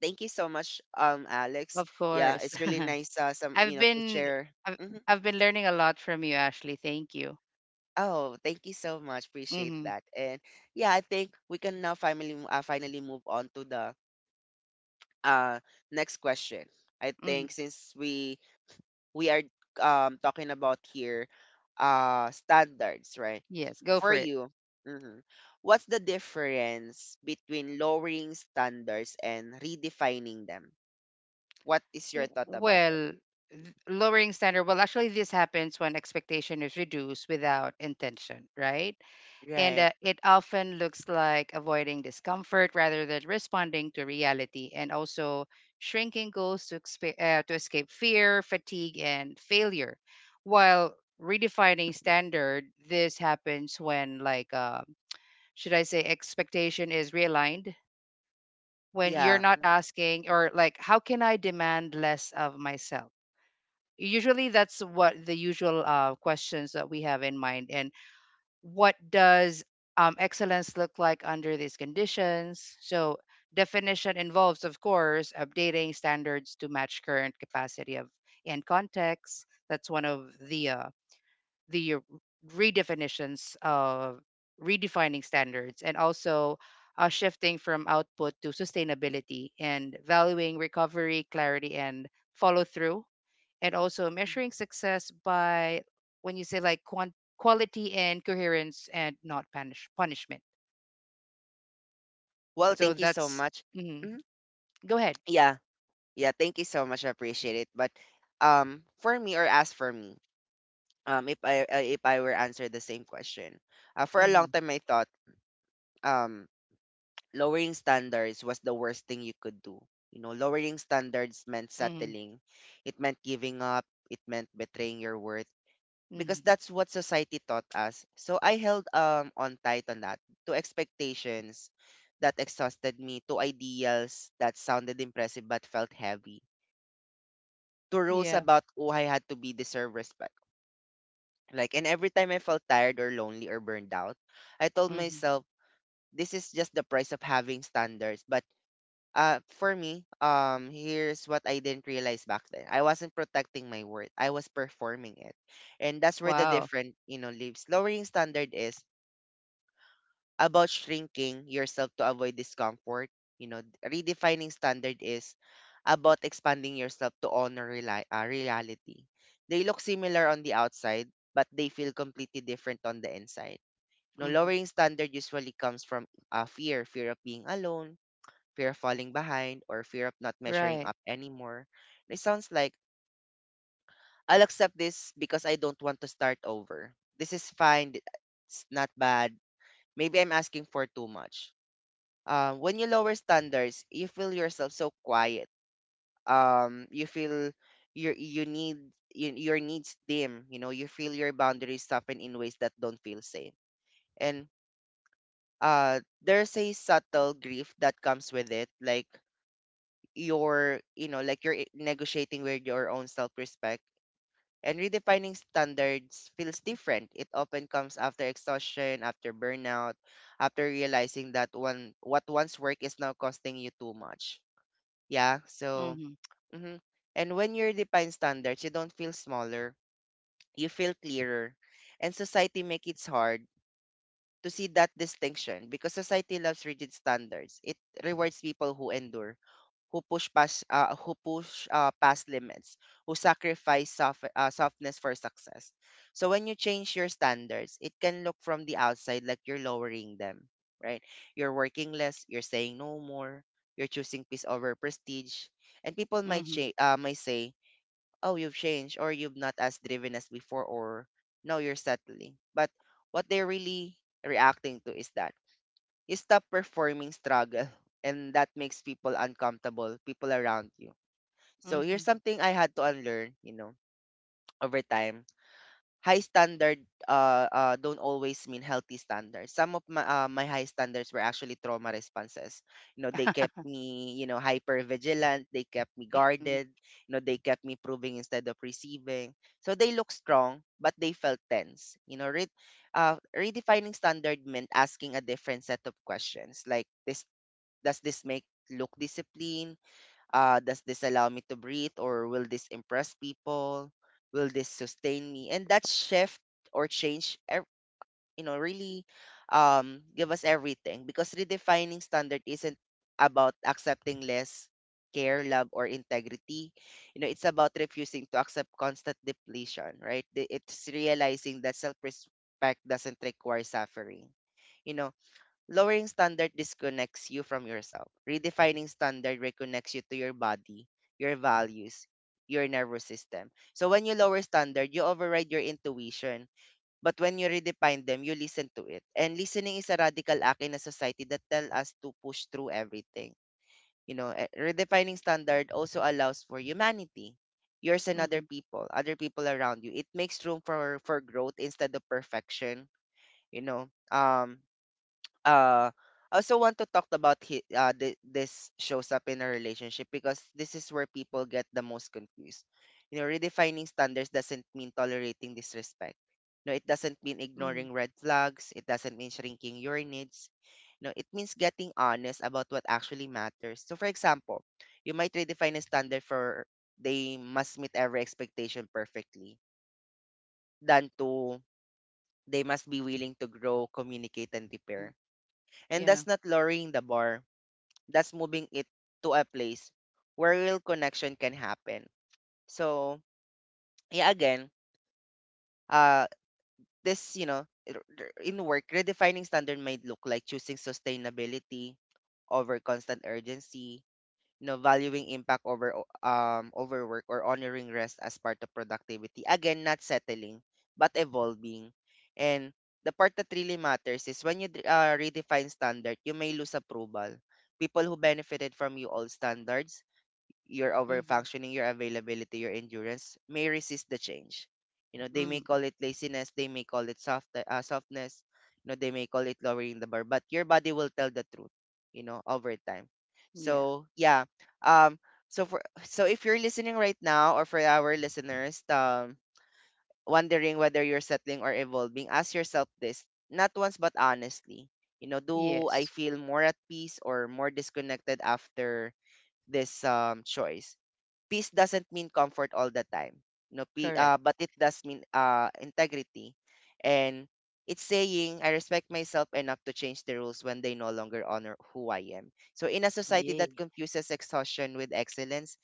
S1: thank you so much, Alex.
S2: Of
S1: Yeah,
S2: course.
S1: it's really nice, some you
S2: I've
S1: know to
S2: been
S1: share.
S2: I've,
S1: Mhm.
S2: I've been learning a lot from you, Ashley. Thank you.
S1: Oh, thank you so much. Appreciate
S2: hmm
S1: that. And yeah, I think we can now finally move on to the uh next question. I think
S2: hmm
S1: since we are talking about here standards, right?
S2: Yes. Go
S1: For
S2: for it.
S1: you, mhm, what's the difference between lowering standards and redefining them? What is your thought about it?
S2: Well, lowering standard. Well, actually, this happens when expectation is reduced without intention, right? And
S1: Right.
S2: it often looks like avoiding discomfort rather than responding to reality, and also shrinking goals to, to escape fear, fatigue, and failure. While redefining standard, this happens when, like, should I say, expectation is realigned. When you're
S1: Yeah.
S2: not
S1: Mhm.
S2: asking, or like, how can I demand less of myself? Usually that's what the usual questions that we have in mind. And what does excellence look like under these conditions? So definition involves, of course, updating standards to match current capacity of and context. That's one of the the redefinitions of redefining standards. And also shifting from output to sustainability, and valuing recovery, clarity, and follow through. And also measuring success by when you say like quality and coherence, and not punishment.
S1: Well,
S2: So
S1: thank you so
S2: that's
S1: much.
S2: mhm.
S1: Mhm.
S2: Go ahead.
S1: Yeah. Yeah, thank you so much. I appreciate it. But for me or as for me, if I were answer the same question, for a
S2: Hmm
S1: long time I thought um lowering standards was the worst thing you could do. You know, lowering standards meant
S2: hmm
S1: settling, it meant giving up, it meant betraying your worth, because
S2: hmm
S1: that's what society taught us. So I held on tight on that to expectations that exhausted me, to ideals that sounded impressive but felt heavy, to rules
S2: yeah
S1: about oh I had to be deserve respect. Like and every time I felt tired or lonely or burned out, I told
S2: hmm
S1: myself this is just the price of having standards. But for me, here's what I didn't realize back then. I wasn't protecting my worth. I was performing it. And that's where the
S2: wow
S1: different, you know, lives. Lowering standard is about shrinking yourself to avoid discomfort. You know, redefining standard is about expanding yourself to honor reality. They look similar on the outside, but they feel completely different on the inside. No,
S2: hmm
S1: lowering standard usually comes from fear, fear of being alone, fear of falling behind, or fear of not measuring
S2: right
S1: up anymore. It sounds like I'll accept this because I don't want to start over. This is fine. It's not bad. Maybe I'm asking for too much. When you lower standards, you feel yourself so quiet. You feel your you need your needs dim. You know, you feel your boundaries soften in ways that don't feel safe. And there's a subtle grief that comes with it, like you're, you know, like negotiating with your own self-respect. And redefining standards feels different. It often comes after exhaustion, after burnout, after realizing that one what once worked is now costing you too much. Yeah. So,
S2: hmm
S1: hmm, and when you define standards, you don't feel smaller. You feel clearer. And society make it hard to see that distinction because society loves rigid standards. It rewards people who endure, who push past limits, who sacrifice softness for success. So when you change your standards, it can look from the outside like you're lowering them, right? You're working less, you're saying no more, you're choosing peace over prestige, and people
S2: hmm
S1: might say oh, you've changed or you've not as driven as before or now you're settling. But what they're really reacting to is that you stop performing struggle, and that makes people uncomfortable, people around you. So
S2: hmm
S1: here's something I had to unlearn, you know, over time high standard don't always mean healthy standards. Some of my high standards were actually trauma responses. You know, they kept me, you know, hyper vigilant. They kept me
S2: Mhm,
S1: guarded. You know, they kept me proving instead of receiving. So they look strong, but they felt tense. You know, redefining standard meant asking a different set of questions, like this: does this make look disciplined? Does this allow me to breathe, or will this impress people, will this sustain me? And that shift or change ev- you know really give us everything, because redefining standard isn't about accepting less care love or integrity. You know, it's about refusing to accept constant depletion, right? It's realizing that self-respect doesn't require suffering, you know. Lowering standard disconnects you from yourself. Redefining standard reconnects you to your body, your values, your nervous system. So when you lower standard, you override your intuition. But when you redefine them, you listen to it. And listening is a radical act in a society that tells us to push through everything. Redefining standard also allows for humanity, yours and
S2: mhm,
S1: other people around you. It makes room for growth instead of perfection. You know, um, uh, I also want to talk about this shows up in a relationship because this is where people get the most confused. You know, redefining standards doesn't mean tolerating disrespect. No, it doesn't mean
S2: mhm,
S1: ignoring red flags. It doesn't mean shrinking your needs. No, it means getting honest about what actually matters. So, for example, you might redefine a standard for they must meet every expectation perfectly, than to they must be willing to grow, communicate, and
S2: mhm.
S1: repair, and
S2: Yeah.
S1: that's not lowering the bar. That's moving it to a place where real connection can happen. So, yeah, again, uh, this, in work, redefining standard might look like choosing sustainability over constant urgency, you know, valuing impact over overwork, or honoring rest as part of productivity. Again, not settling, but evolving. And the part that really matters is when you redefine standard, you may lose approval. People who benefited from you old standards, your
S2: Mhm,
S1: overfunctioning, your availability, your endurance may resist the change. You know, they may
S2: mhm,
S1: call it laziness, they may call it softness, you know, they may call it lowering the bar, but your body will tell the truth, you know, over time.
S2: yeah.
S1: So yeah, um, so for so if you're listening right now, or for our listeners, wondering whether you're settling or evolving, ask yourself this: not once, but honestly. You know, do I
S2: Yes.
S1: feel more at peace or more disconnected after this choice? Peace doesn't mean comfort all the time. No,
S2: Correct.
S1: but it does mean integrity. And it's saying I respect myself enough to change the rules when they no longer honor who I am. So in a society
S2: Yay.
S1: that confuses exhaustion with excellence,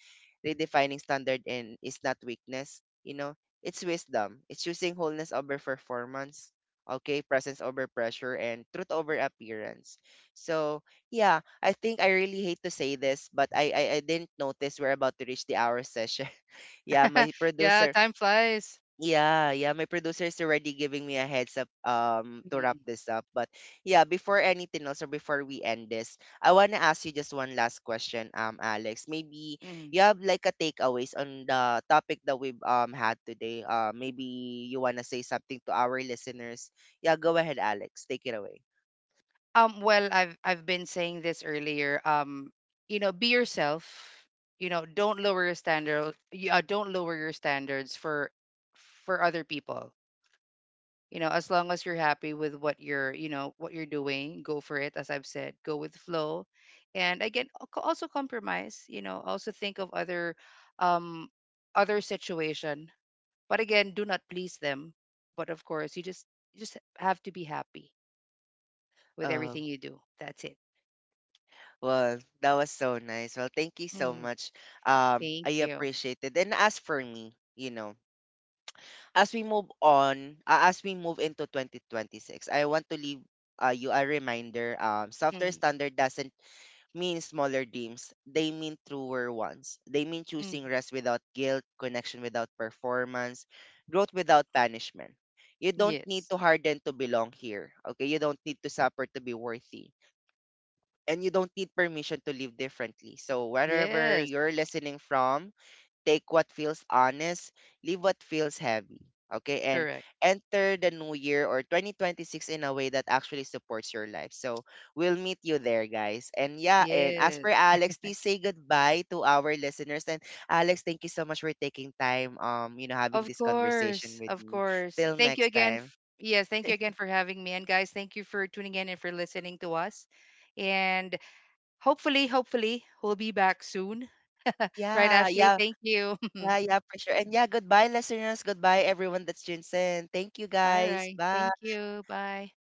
S1: redefining standard and is not weakness, you know, it's wisdom. It's choosing wholeness over performance, okay, presence over pressure and truth over appearance. So yeah, I think I really hate to say this, but I didn't notice we're about to reach the hour session. Yeah, my
S2: Yeah.
S1: producer.
S2: Time flies.
S1: Yeah, yeah, my producer is already giving me a heads up to
S2: Mm-hmm.
S1: wrap this up. But yeah, before anything else or before we end this, I wanna ask you just one last question, Alex. Maybe
S2: Mm-hmm.
S1: you have like a takeaways on the topic that we've had today. Maybe you wanna say something to our listeners. Yeah, go ahead, Alex. Take it away.
S2: Well, I've been saying this earlier. You know, be yourself. You know, don't lower your standard. Yeah, don't lower your standards for other people. You know, as long as you're happy with what you're you know what you're doing, go for it. As I've said, go with flow. And again, also compromise. You know, also think of other um other situation. But again, do not please them. But of course, you just have to be happy with everything you do. That's it.
S1: Well, that was so nice. Well, thank you so
S2: Mhm.
S1: much. I
S2: Thank you.
S1: appreciate it. And as for me, you know, as we move on, as we move into 2026, I want to leave you a reminder. Softer
S2: hmm
S1: standard doesn't mean smaller dreams. They mean truer ones. They mean
S2: hmm
S1: choosing rest without guilt, connection without performance, growth without punishment. You don't need
S2: Yes.
S1: to harden to belong here. Okay, you don't need to suffer to be worthy and you don't need permission to live differently. So, wherever
S2: Yes.
S1: you're listening from, take what feels honest, leave what feels heavy. Okay, and
S2: Correct.
S1: enter the new year or 2026 in a way that actually supports your life. So, we'll meet you there, guys. And yeah, and as
S2: Yes.
S1: per Alex, please say goodbye to our listeners. And Alex, thank you so much for taking time, you know, having
S2: Of
S1: this conversation
S2: course.
S1: with
S2: Of
S1: me.
S2: course.
S1: Till
S2: Thank you
S1: next
S2: again.
S1: time.
S2: Yes. Thank you again for having me. And guys, thank you for tuning in and for listening to us. And hopefully, we'll be back soon. Right,
S1: Yeah,
S2: Ashley?
S1: yeah.
S2: Thank you.
S1: Yeah, yeah, for sure. And yeah, goodbye, listeners. Goodbye, everyone that's tuned in. Thank you,
S2: All
S1: guys.
S2: right.
S1: Bye.
S2: Thank you. Bye.